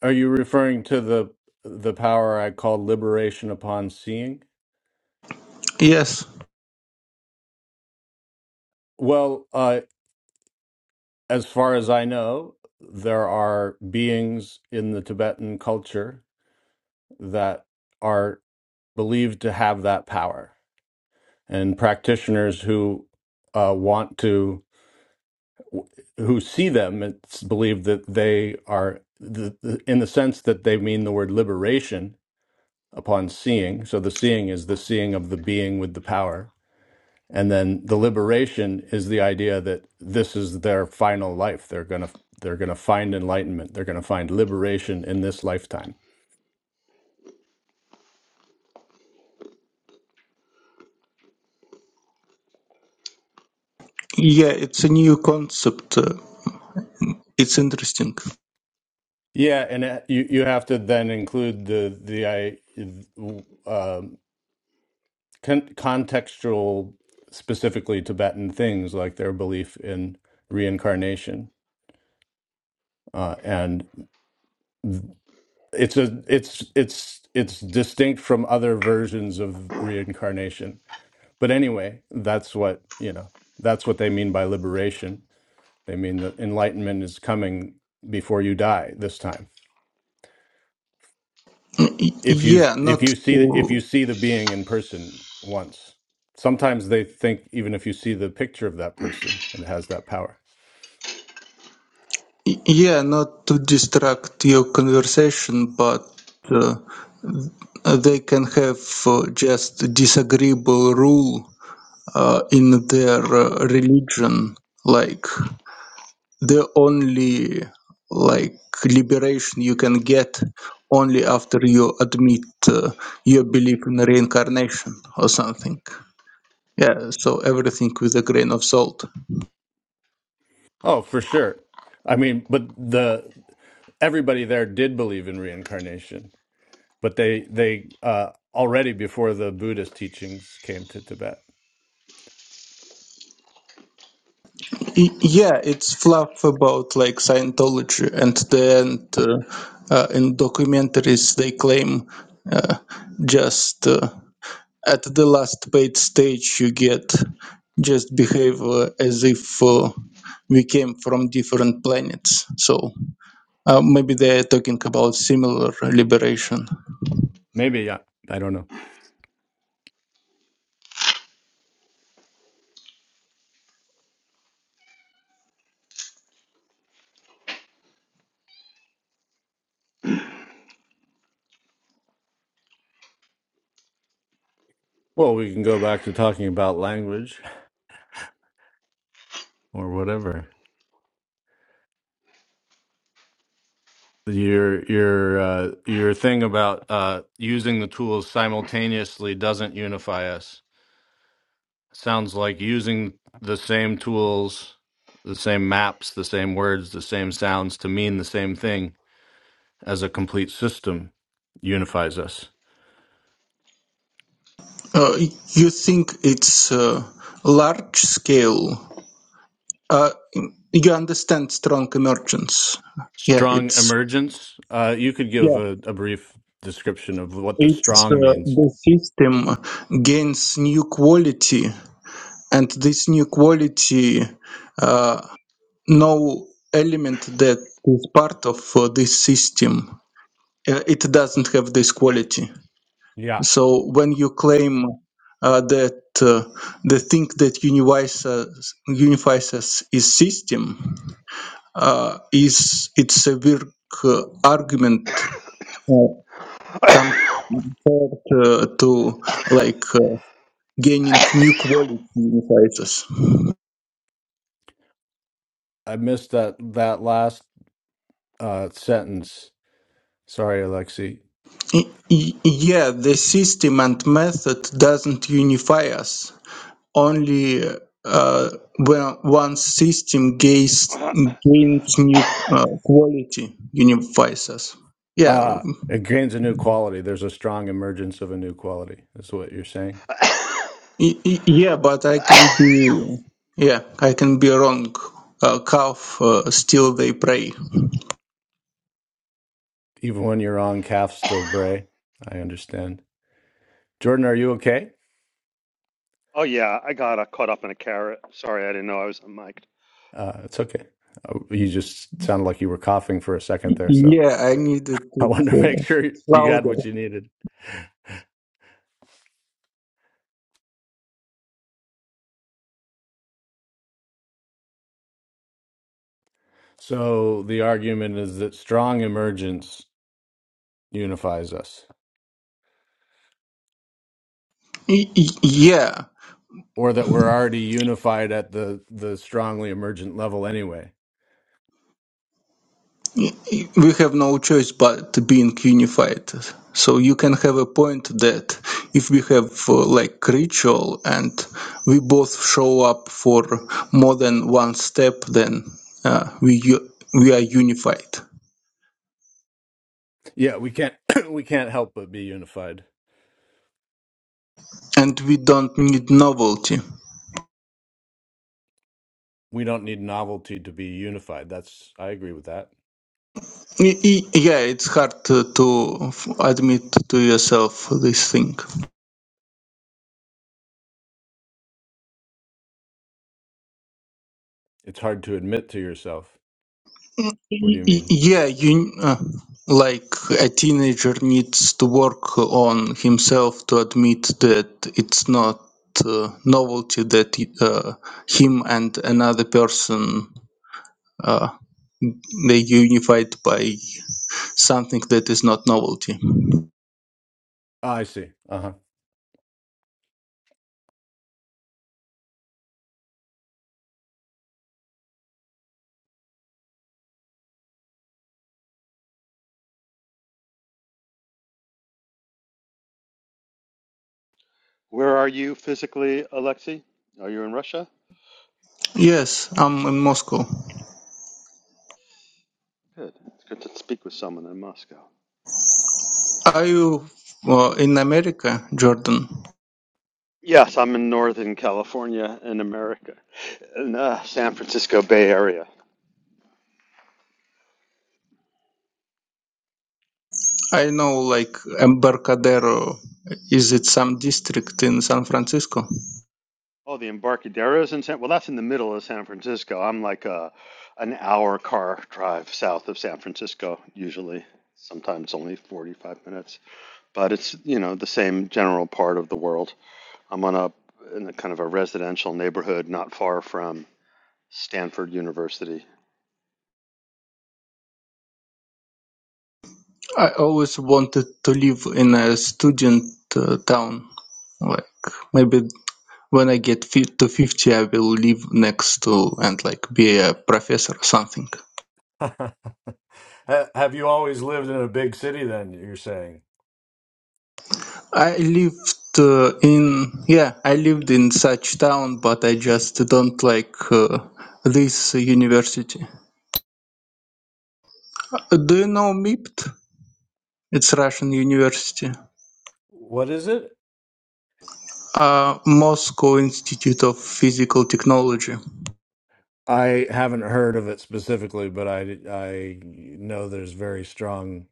C: Are you referring to the the power I call liberation upon seeing?
F: Yes.
C: Well, uh, as far as I know, there are beings in the Tibetan culture that are believed to have that power, and practitioners who uh, want to who see them it's believed that they are the, the, in the sense that they mean the word liberation upon seeing so the seeing is the seeing of the being with the power and then the liberation is the idea that this is their final life they're going to they're going to find enlightenment they're going to find liberation in this lifetime
F: Yeah, it's a new concept. Uh, It's interesting.
C: yeah and uh, you you have to then include the the i uh, con- contextual, specifically Tibetan things like their belief in reincarnation, uh, and it's a it's it's it's distinct from other versions of reincarnation. But anyway, that's what you know. That's what they mean by liberation. They mean that enlightenment is coming before you die this time.
F: Y-
C: If you
F: Yeah,
C: if
F: not
C: you see the, if
F: to
C: you see the being in person once, sometimes they think even if you see the picture of that person, it has that power.
F: yeah, not to distract your conversation, but uh, they can have uh, just disagreeable rule uh, in their uh, religion like the only like liberation you can get only after you admit uh, your belief in reincarnation or something yeah so everything with a grain of salt
C: Oh, for sure. I mean, but the everybody there did believe in reincarnation, but they they uh, already before the Buddhist teachings came to Tibet.
F: Y- yeah it's fluff about like scientology and then uh, uh, in documentaries they claim uh, just uh, At the last paid stage you get, just behave uh, as if uh, we came from different planets. So uh, maybe they're talking about similar liberation.
C: Maybe I, I don't know. Well, we can go back to talking about language or whatever. Your your uh, your thing about uh, using the tools simultaneously doesn't unify us. Sounds like using the same tools, the same maps, the same words, the same sounds to mean the same thing as a complete system unifies us.
F: Uh, you think it's uh, large scale? Uh, you understand strong emergence? Yeah,
C: Strong
F: it's
C: emergence. Uh, you could give
F: yeah,
C: a, a brief description of what the
F: it's
C: strong
F: uh,
C: means.
F: the system gains new quality, and this new quality uh, no element that is part of uh, this system. Uh, it doesn't have this quality.
C: Yeah.
F: So when you claim uh, that uh, the thing that unifies us, unifies us is system, uh, is it's a weak uh, argument uh, compared uh, to like uh, gaining new quality unifies us.
C: I missed that that last uh, sentence. Sorry, Alexi.
F: Y- y- yeah, the system and method doesn't unify us only uh, when one system gains gains new uh, quality unifies us. Yeah,
C: Uh, it gains a new quality. There's a strong emergence of a new quality. Is what you're saying.
F: y- y- yeah, but I can be yeah I can be wrong. Uh, calf uh, still they pray.
C: Even when you're on calf, still bray. I understand. Jordan, are you okay?
B: Oh yeah, I got uh, caught up in a carrot. Sorry, I didn't know I was unmiked.
C: Uh, it's okay. Uh, You just sounded like you were coughing for a second there, so
F: Yeah, I needed
C: I
F: it
C: wanted to make
F: uh,
C: sure you had
F: louder.
C: what you needed. So the argument is that strong emergence unifies us,
F: Y- y- yeah,
C: or that we're already unified at the the strongly emergent level anyway.
F: we have no choice but being unified. So you can have a point that if we have uh, like ritual and we both show up for more than one step, then uh, we u- we are unified
C: Yeah, we can't we can't help but be unified.
F: and we don't need novelty.
C: We don't need novelty to be unified. That's I agree with that.
F: I- I- Yeah, it's hard to, to admit to yourself this thing.
C: It's hard to admit to yourself. What do you
F: Y-
C: mean?
F: Yeah, you uh, like a teenager needs to work on himself to admit that it's not uh, novelty that uh, him and another person uh, they unified by something that is not novelty.
C: Ah, I see. Uh
B: Where are you physically, Alexei? Are you in Russia?
F: Yes, I'm in Moscow.
B: Good. It's good to speak with someone in Moscow.
F: Are you uh, in America, Jordan?
B: Yes, I'm in Northern California in America, in uh, San Francisco Bay Area.
F: I know like Embarcadero. Is it some district in San Francisco?
B: Oh, the Embarcadero's in San. Well, that's in the middle of San Francisco. I'm like uh, an hour car drive south of San Francisco usually. Sometimes only 45 minutes, but it's you know the same general part of the world. I'm on a in a kind of a residential neighborhood not far from Stanford University.
F: I always wanted to live in a student uh, town. Like maybe when I get fi- to 50, I will live next to and like be a professor or something.
C: Ha- Have you always lived in a big city then, you're saying?
F: I lived uh, in yeah, I lived in such town, but I just don't like uh, this university. Do you know MIPT? It's Russian university.
C: What is it?
F: Uh, Moscow Institute of Physical Technology.
C: I haven't heard of it specifically, but I I know there's very strong.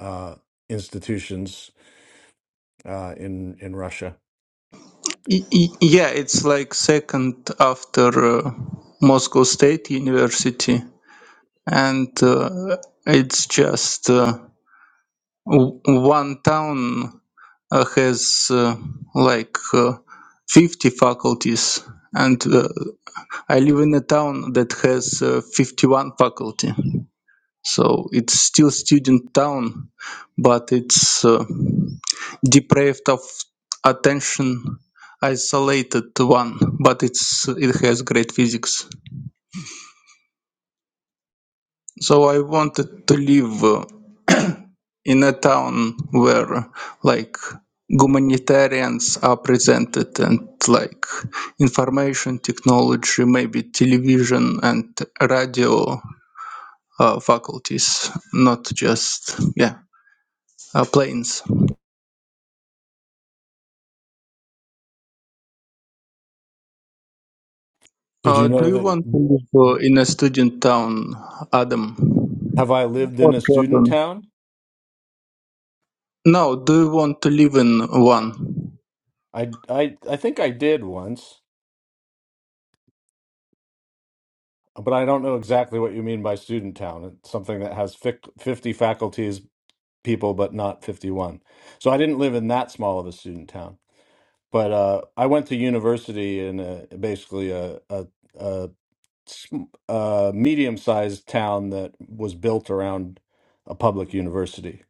C: uh, institutions uh, in in Russia.
F: Y- y- Yeah, it's like second after uh, Moscow State University, and uh, it's just uh, w- one town uh, has uh, like uh, 50 faculties, and uh, I live in a town that has uh, 51 faculty. So it's still student town, but it's uh, deprived of attention isolated one but it's it has great physics so i wanted to live uh, in a town where like humanitarians are presented and like information technology maybe television and radio uh, faculties not just yeah uh, planes
C: Did
F: uh,
C: you
F: do
C: know
F: you
C: that?
F: want to
C: mm,
F: live uh, in a student town adam
C: Have I lived in
F: or
C: a student
F: Jordan?
C: town?
F: No, do you want to live in one?
C: I I I think I did once, but I don't know exactly what you mean by student town. It's something that has fic- fifty faculties people, but not fifty-one. So I didn't live in that small of a student town. But uh, I went to university in a, basically a, a, a sm- uh, medium-sized town that was built around a public university.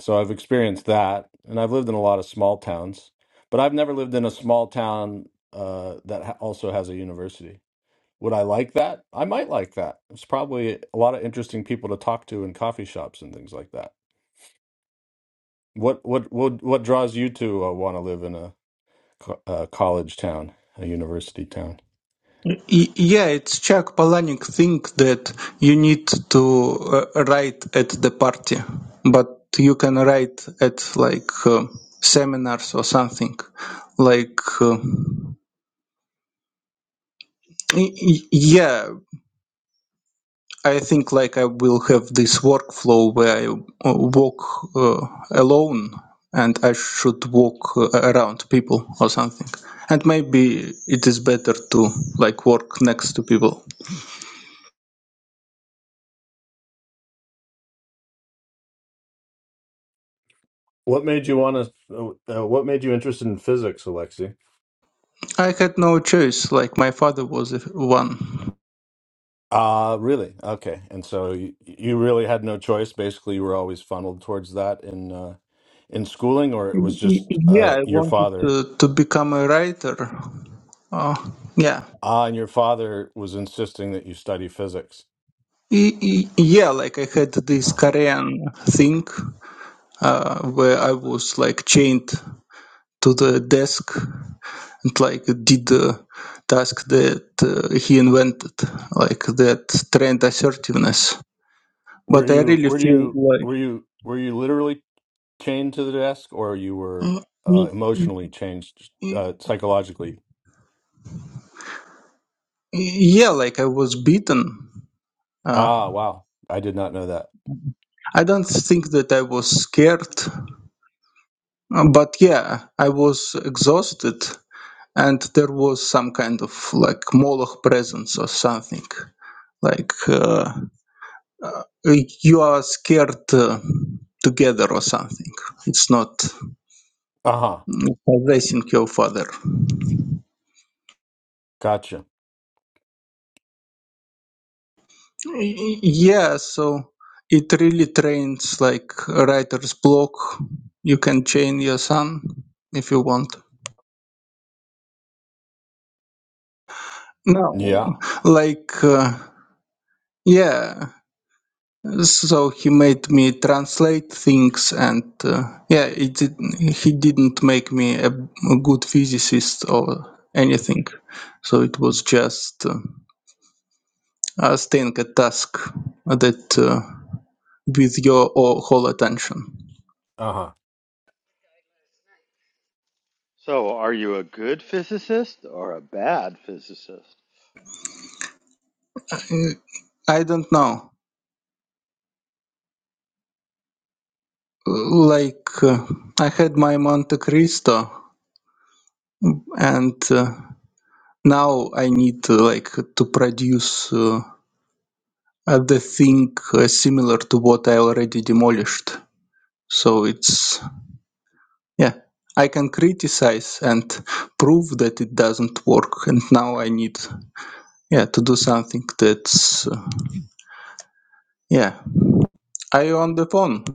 C: So I've experienced that, and I've lived in a lot of small towns, but I've never lived in a small town uh, that ha- also has a university. Would I like that? I might like that. It's probably a lot of interesting people to talk to in coffee shops and things like that. What what what what draws you to uh, want to live in a, co- a college town, a university town?
F: Y- yeah, it's Chuck Palahniuk thing that you need to uh, write at the party, but you can write at like uh, seminars or something. Like, uh, y- y- yeah, I think like I will have this workflow where I uh, walk uh, alone and I should walk uh, around people or something. And maybe it is better to like work next to people.
C: What made you want to? Uh, what made you interested in physics, Alexi?
F: I had no choice. Like my father was a- one.
C: Uh, really? Okay. And so you, you really had no choice. Basically, you were always funneled towards that in uh, in schooling, or it was
F: Y- y-
C: just
F: Yeah,
C: uh,
F: I
C: your
F: wanted
C: father.
F: to, to become a writer. Uh, yeah.
C: Ah, and your father was insisting that you study physics.
F: Y- y- Yeah, like I had this
C: Huh.
F: Korean thing uh, where I was like chained to the desk and like did the task that uh, he invented, like that trend assertiveness.
C: Were
F: But I
C: you
F: really
C: were
F: feel
C: you
F: like,
C: were you were you literally chained to the desk, or you were
F: Mm, y-
C: uh, emotionally changed
F: y-
C: uh, psychologically?
F: yeah, like I was beaten. Uh,
C: Ah, wow. I did not know that.
F: I don't think that I was scared, uh, but yeah, I was exhausted, and there was some kind of like Moloch presence or something. Like uh, you are scared uh, together or something. It's not.
C: Uh-huh.
F: possessing your father.
C: Gotcha.
F: Y- Yeah, so it really trains like a writer's block. You can chain your son if you want. No,
C: Yeah.
F: like uh, yeah. So he made me translate things, and uh, yeah, it did, he didn't make me a, a good physicist or anything. So it was just uh, uh, staying a task that uh, with your o- whole attention.
C: Uh huh.
B: So, are you a good physicist or a bad physicist?
F: Uh, I don't know. Like, uh, I had my Monte Cristo, and uh, now I need uh, like to produce uh, the thing uh, similar to what I already demolished. So it's yeah. I can criticize and prove that it doesn't work, and now I need yeah to do something that's uh, yeah. Are you on the phone?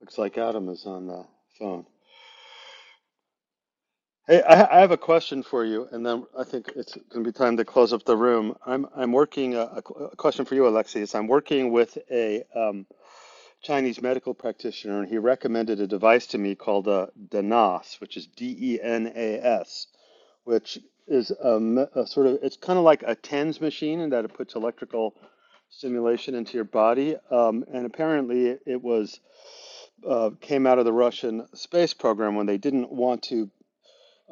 B: Looks like Adam is on the phone. Hey, I, I have a question for you, and then I think it's going to be time to close up the room. I'm I'm working a, a qu- a question for you, Alexis. I'm working with a um, Chinese medical practitioner, and he recommended a device to me called a DENAS, which is D-E-N-A-S, which is a, me- a sort of it's kind of like a TENS machine in that it puts electrical stimulation into your body. Um, and apparently, it was uh, came out of the Russian space program when they didn't want to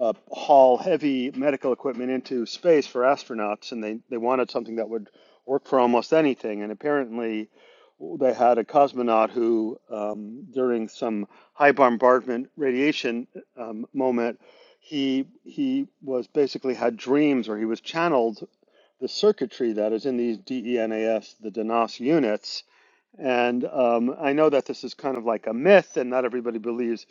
B: uh, haul heavy medical equipment into space for astronauts, and they, they wanted something that would work for almost anything. And apparently, they had a cosmonaut who, um, during some high bombardment radiation um, moment, he he was basically had dreams, or he was channeled the circuitry that is in these DENAS, the Denas units. And um, I know that this is kind of like a myth, and not everybody believes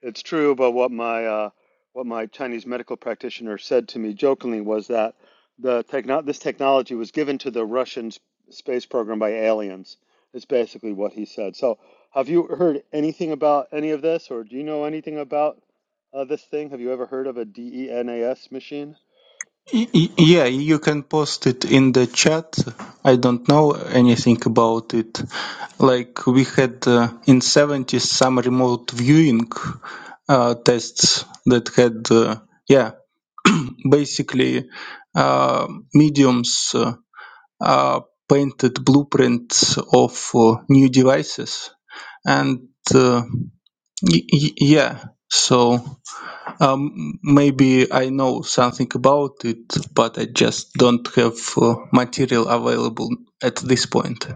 B: it's true, but what my uh, what my Chinese medical practitioner said to me jokingly was that the techno this technology was given to the Russian s- space program by aliens. Is basically what he said. So, have you heard anything about any of this, or do you know anything about uh, this thing? Have you ever heard of a DENAS machine?
F: Yeah, you can post it in the chat. I don't know anything about it. Like we had uh, in 70s some remote viewing uh, tests that had, uh, yeah, basically uh, mediums uh, uh, painted blueprints of uh, new devices. And uh, y- y- yeah, so. Um, maybe I know something about it, but I just don't have uh, material available at this point.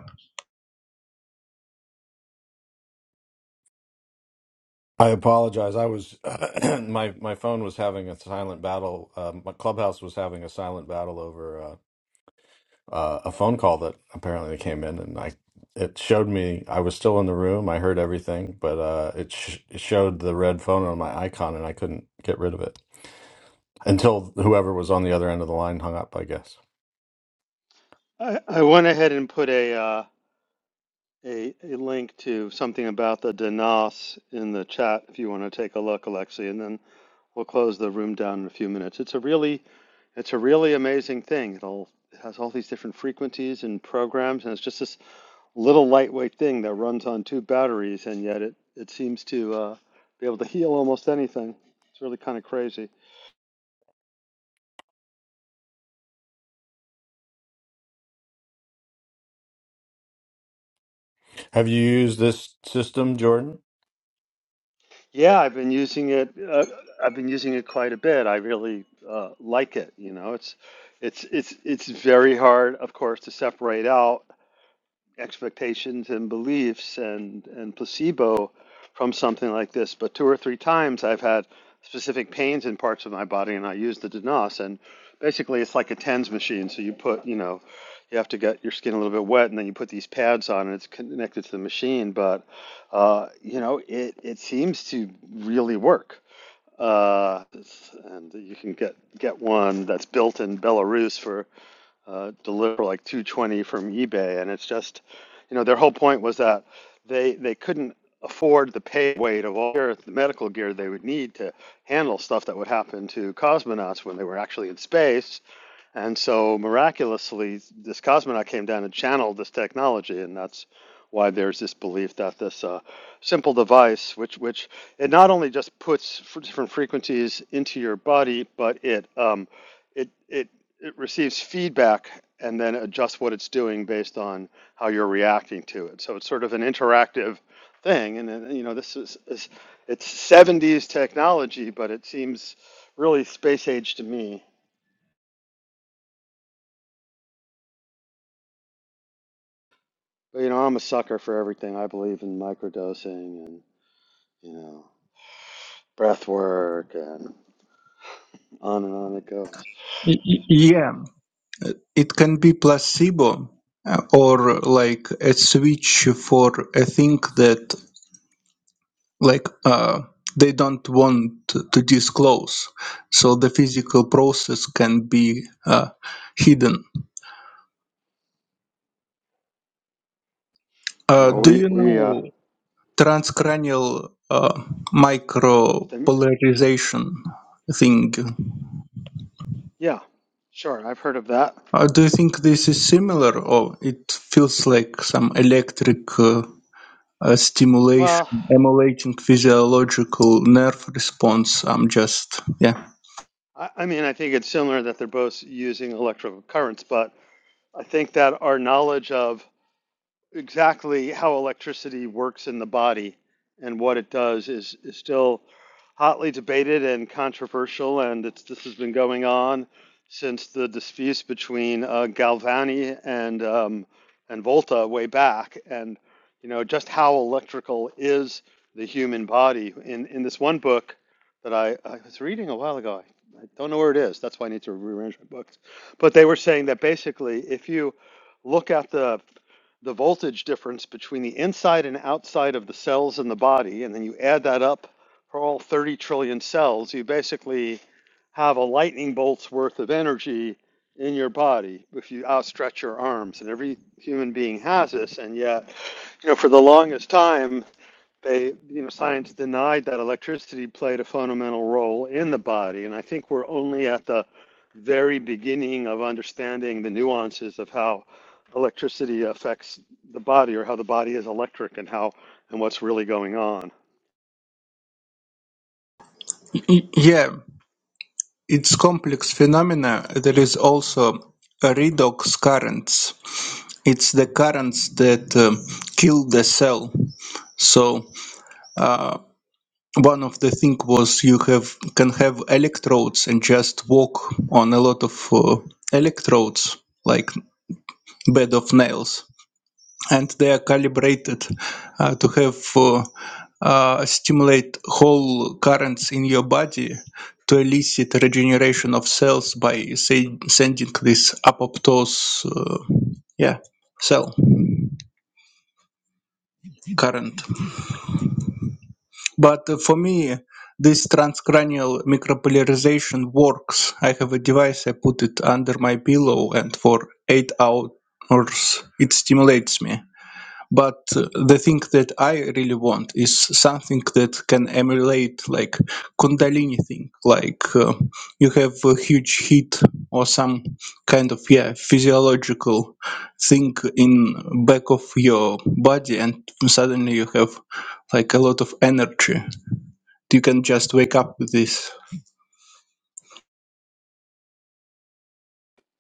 C: I apologize. I was my my phone was having a silent battle. Uh, my clubhouse was having a silent battle over uh, uh, a phone call that apparently came in, and I it showed me I was still in the room. I heard everything, but uh, it, sh- it showed the red phone on my icon, and I couldn't get rid of it until whoever was on the other end of the line hung up, I guess.
B: I, I went ahead and put a, uh, a a link to something about the DENAS in the chat if you want to take a look, Alexi, and then. We'll close the room down in a few minutes. It's a really, it's a really amazing thing. It'll, it has all these different frequencies and programs, and it's just this little lightweight thing that runs on two batteries, and yet it, it seems to uh, be able to heal almost anything. It's really kind of crazy.
C: Have you used this system, Jordan?
B: Yeah, I've been using it. Uh, I've been using it quite a bit. I really uh, like it. You know, it's, it's, it's, it's very hard, of course, to separate out expectations and beliefs and, and placebo from something like this. But two or three times I've had specific pains in parts of my body and I use the Dinas. And basically, it's like a TENS machine. So you put, you know, you have to get your skin a little bit wet and then you put these pads on and it's connected to the machine. But, uh, you know, it, it seems to really work. Uh, and you can get, get one that's built in Belarus for uh, deliver like 220 from eBay, and it's just, you know, their whole point was that they they couldn't afford the pay weight of all the medical gear they would need to handle stuff that would happen to cosmonauts when they were actually in space. And so miraculously, this cosmonaut came down and channeled this technology, and that's why there's this belief that this uh, simple device, which which it not only just puts f- different frequencies into your body, but it um, it it it receives feedback and then adjusts what it's doing based on how you're reacting to it. So it's sort of an interactive thing, and then, you know this is, is it's 70s technology, but it seems really space age to me. But you know, I'm a sucker for everything. I believe in microdosing and you know, breath work and on and on it goes.
F: Y- y- Yeah, uh, it can be placebo uh, or like a switch for a thing that like uh, they don't want to, disclose so the physical process can be uh, hidden
B: Yeah,
F: uh,
B: well,
F: do
B: we
F: you
B: we uh,
F: know transcranial uh,
B: the,
F: micropolarization thing
B: yeah, sure. I've heard of that.
F: uh, do you think this is similar or it feels like some electric uh, uh, stimulation
B: Well,
F: emulating physiological nerve response i'm just yeah
B: I, I mean, I think it's similar that they're both using electrical currents, but I think that our knowledge of exactly how electricity works in the body and what it does is, is still hotly debated and controversial, and it's, this has been going on since the disputes between uh, Galvani and um, and Volta way back, and you know just how electrical is the human body. In in this one book that I, I was reading a while ago, I, I don't know where it is. That's why I need to rearrange my books. But they were saying that basically, if you look at the the voltage difference between the inside and outside of the cells in the body, and then you add that up for all 30 trillion cells, you basically have a lightning bolt's worth of energy in your body if you outstretch your arms. And every human being has this. And yet, you know, for the longest time, they, you know, science denied that electricity played a fundamental role in the body. And I think we're only at the very beginning of understanding the nuances of how electricity affects the body or how the body is electric and how and what's really going on.
F: Y- yeah Its complex phenomena there is also redox currents. It's the currents that uh, kill the cell. So uh, one of the thing was you have can have electrodes and just walk on a lot of uh, electrodes like bed of nails and they are calibrated uh, to have uh, uh, stimulate whole currents in your body to elicit regeneration of cells by say, sending this apoptose uh, yeah cell current but uh, for me this transcranial micropolarization works i have a device i put it under my pillow and for eight hours it stimulates me but uh, the thing that i really want is something that can emulate like kundalini thing like uh, you have a huge heat or some kind of yeah physiological thing in back of your body and suddenly you have like a lot of energy you can just wake up with this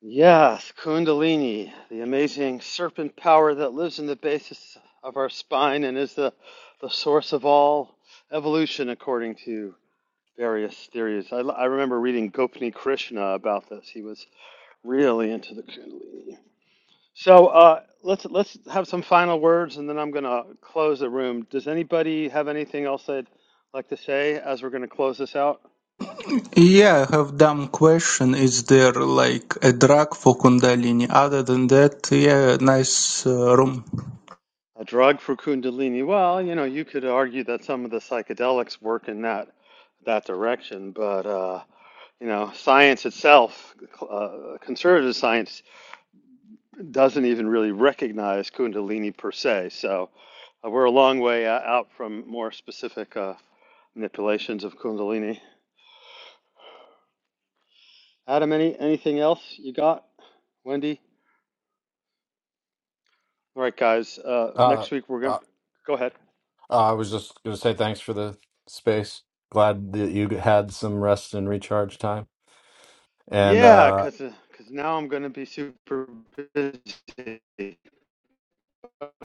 B: Yes, Kundalini, the amazing serpent power that lives in the basis of our spine and is the, the source of all evolution, according to various theories. I I remember reading Gopni Krishna about this. He was Really into the Kundalini. So uh, let's let's have some final words, and then I'm gonna close the room. Does anybody have anything else they'd like to say as we're gonna close this out?
F: Yeah, I have dumb question. Is there like a drug for Kundalini? Other than that, yeah, nice uh, room.
B: A drug for Kundalini. Well, you know, you could argue that some of the psychedelics work in that that direction, but uh, you know, science itself, uh, conservative science doesn't even really recognize Kundalini per se. So uh, we're a long way uh, out from more specific uh, manipulations of Kundalini. Adam, any anything else you got? Wendy? All right, guys. Uh,
C: Uh,
B: next week we're
C: uh,
B: gonna go ahead.
C: uh, I was just going to say thanks for the space. Glad that you had some rest and recharge time. And
B: Yeah,
C: uh,
B: cause because now I'm gonna be super busy.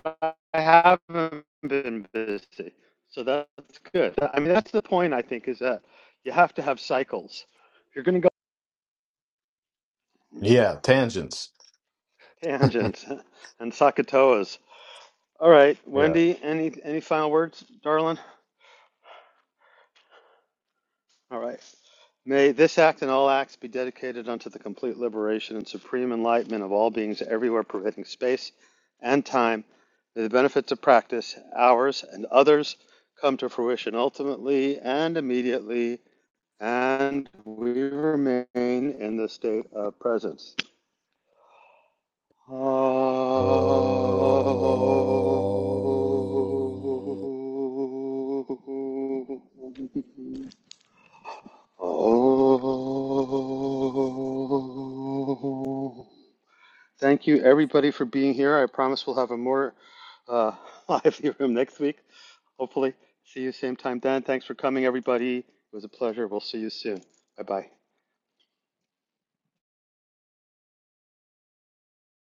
B: But I haven't been busy, so that's good. I mean, that's the point. I think is that you have to have cycles. If you're gonna go.
C: yeah, tangents.
B: Tangents and Sakatoas. All right,
C: Yeah.
B: Wendy, any any final words, darling? All right. May this act and all acts be dedicated unto the complete liberation and supreme enlightenment of all beings everywhere pervading space and time. May the benefits of practice, ours and others, come to fruition ultimately and immediately, and we remain in the state of presence. Oh.
C: Oh.
B: Thank you, everybody, for being here. I promise we'll have a more uh, lively room next week. Hopefully, see you same time then. Thanks for coming, everybody. It was a pleasure. We'll see you soon. Bye bye.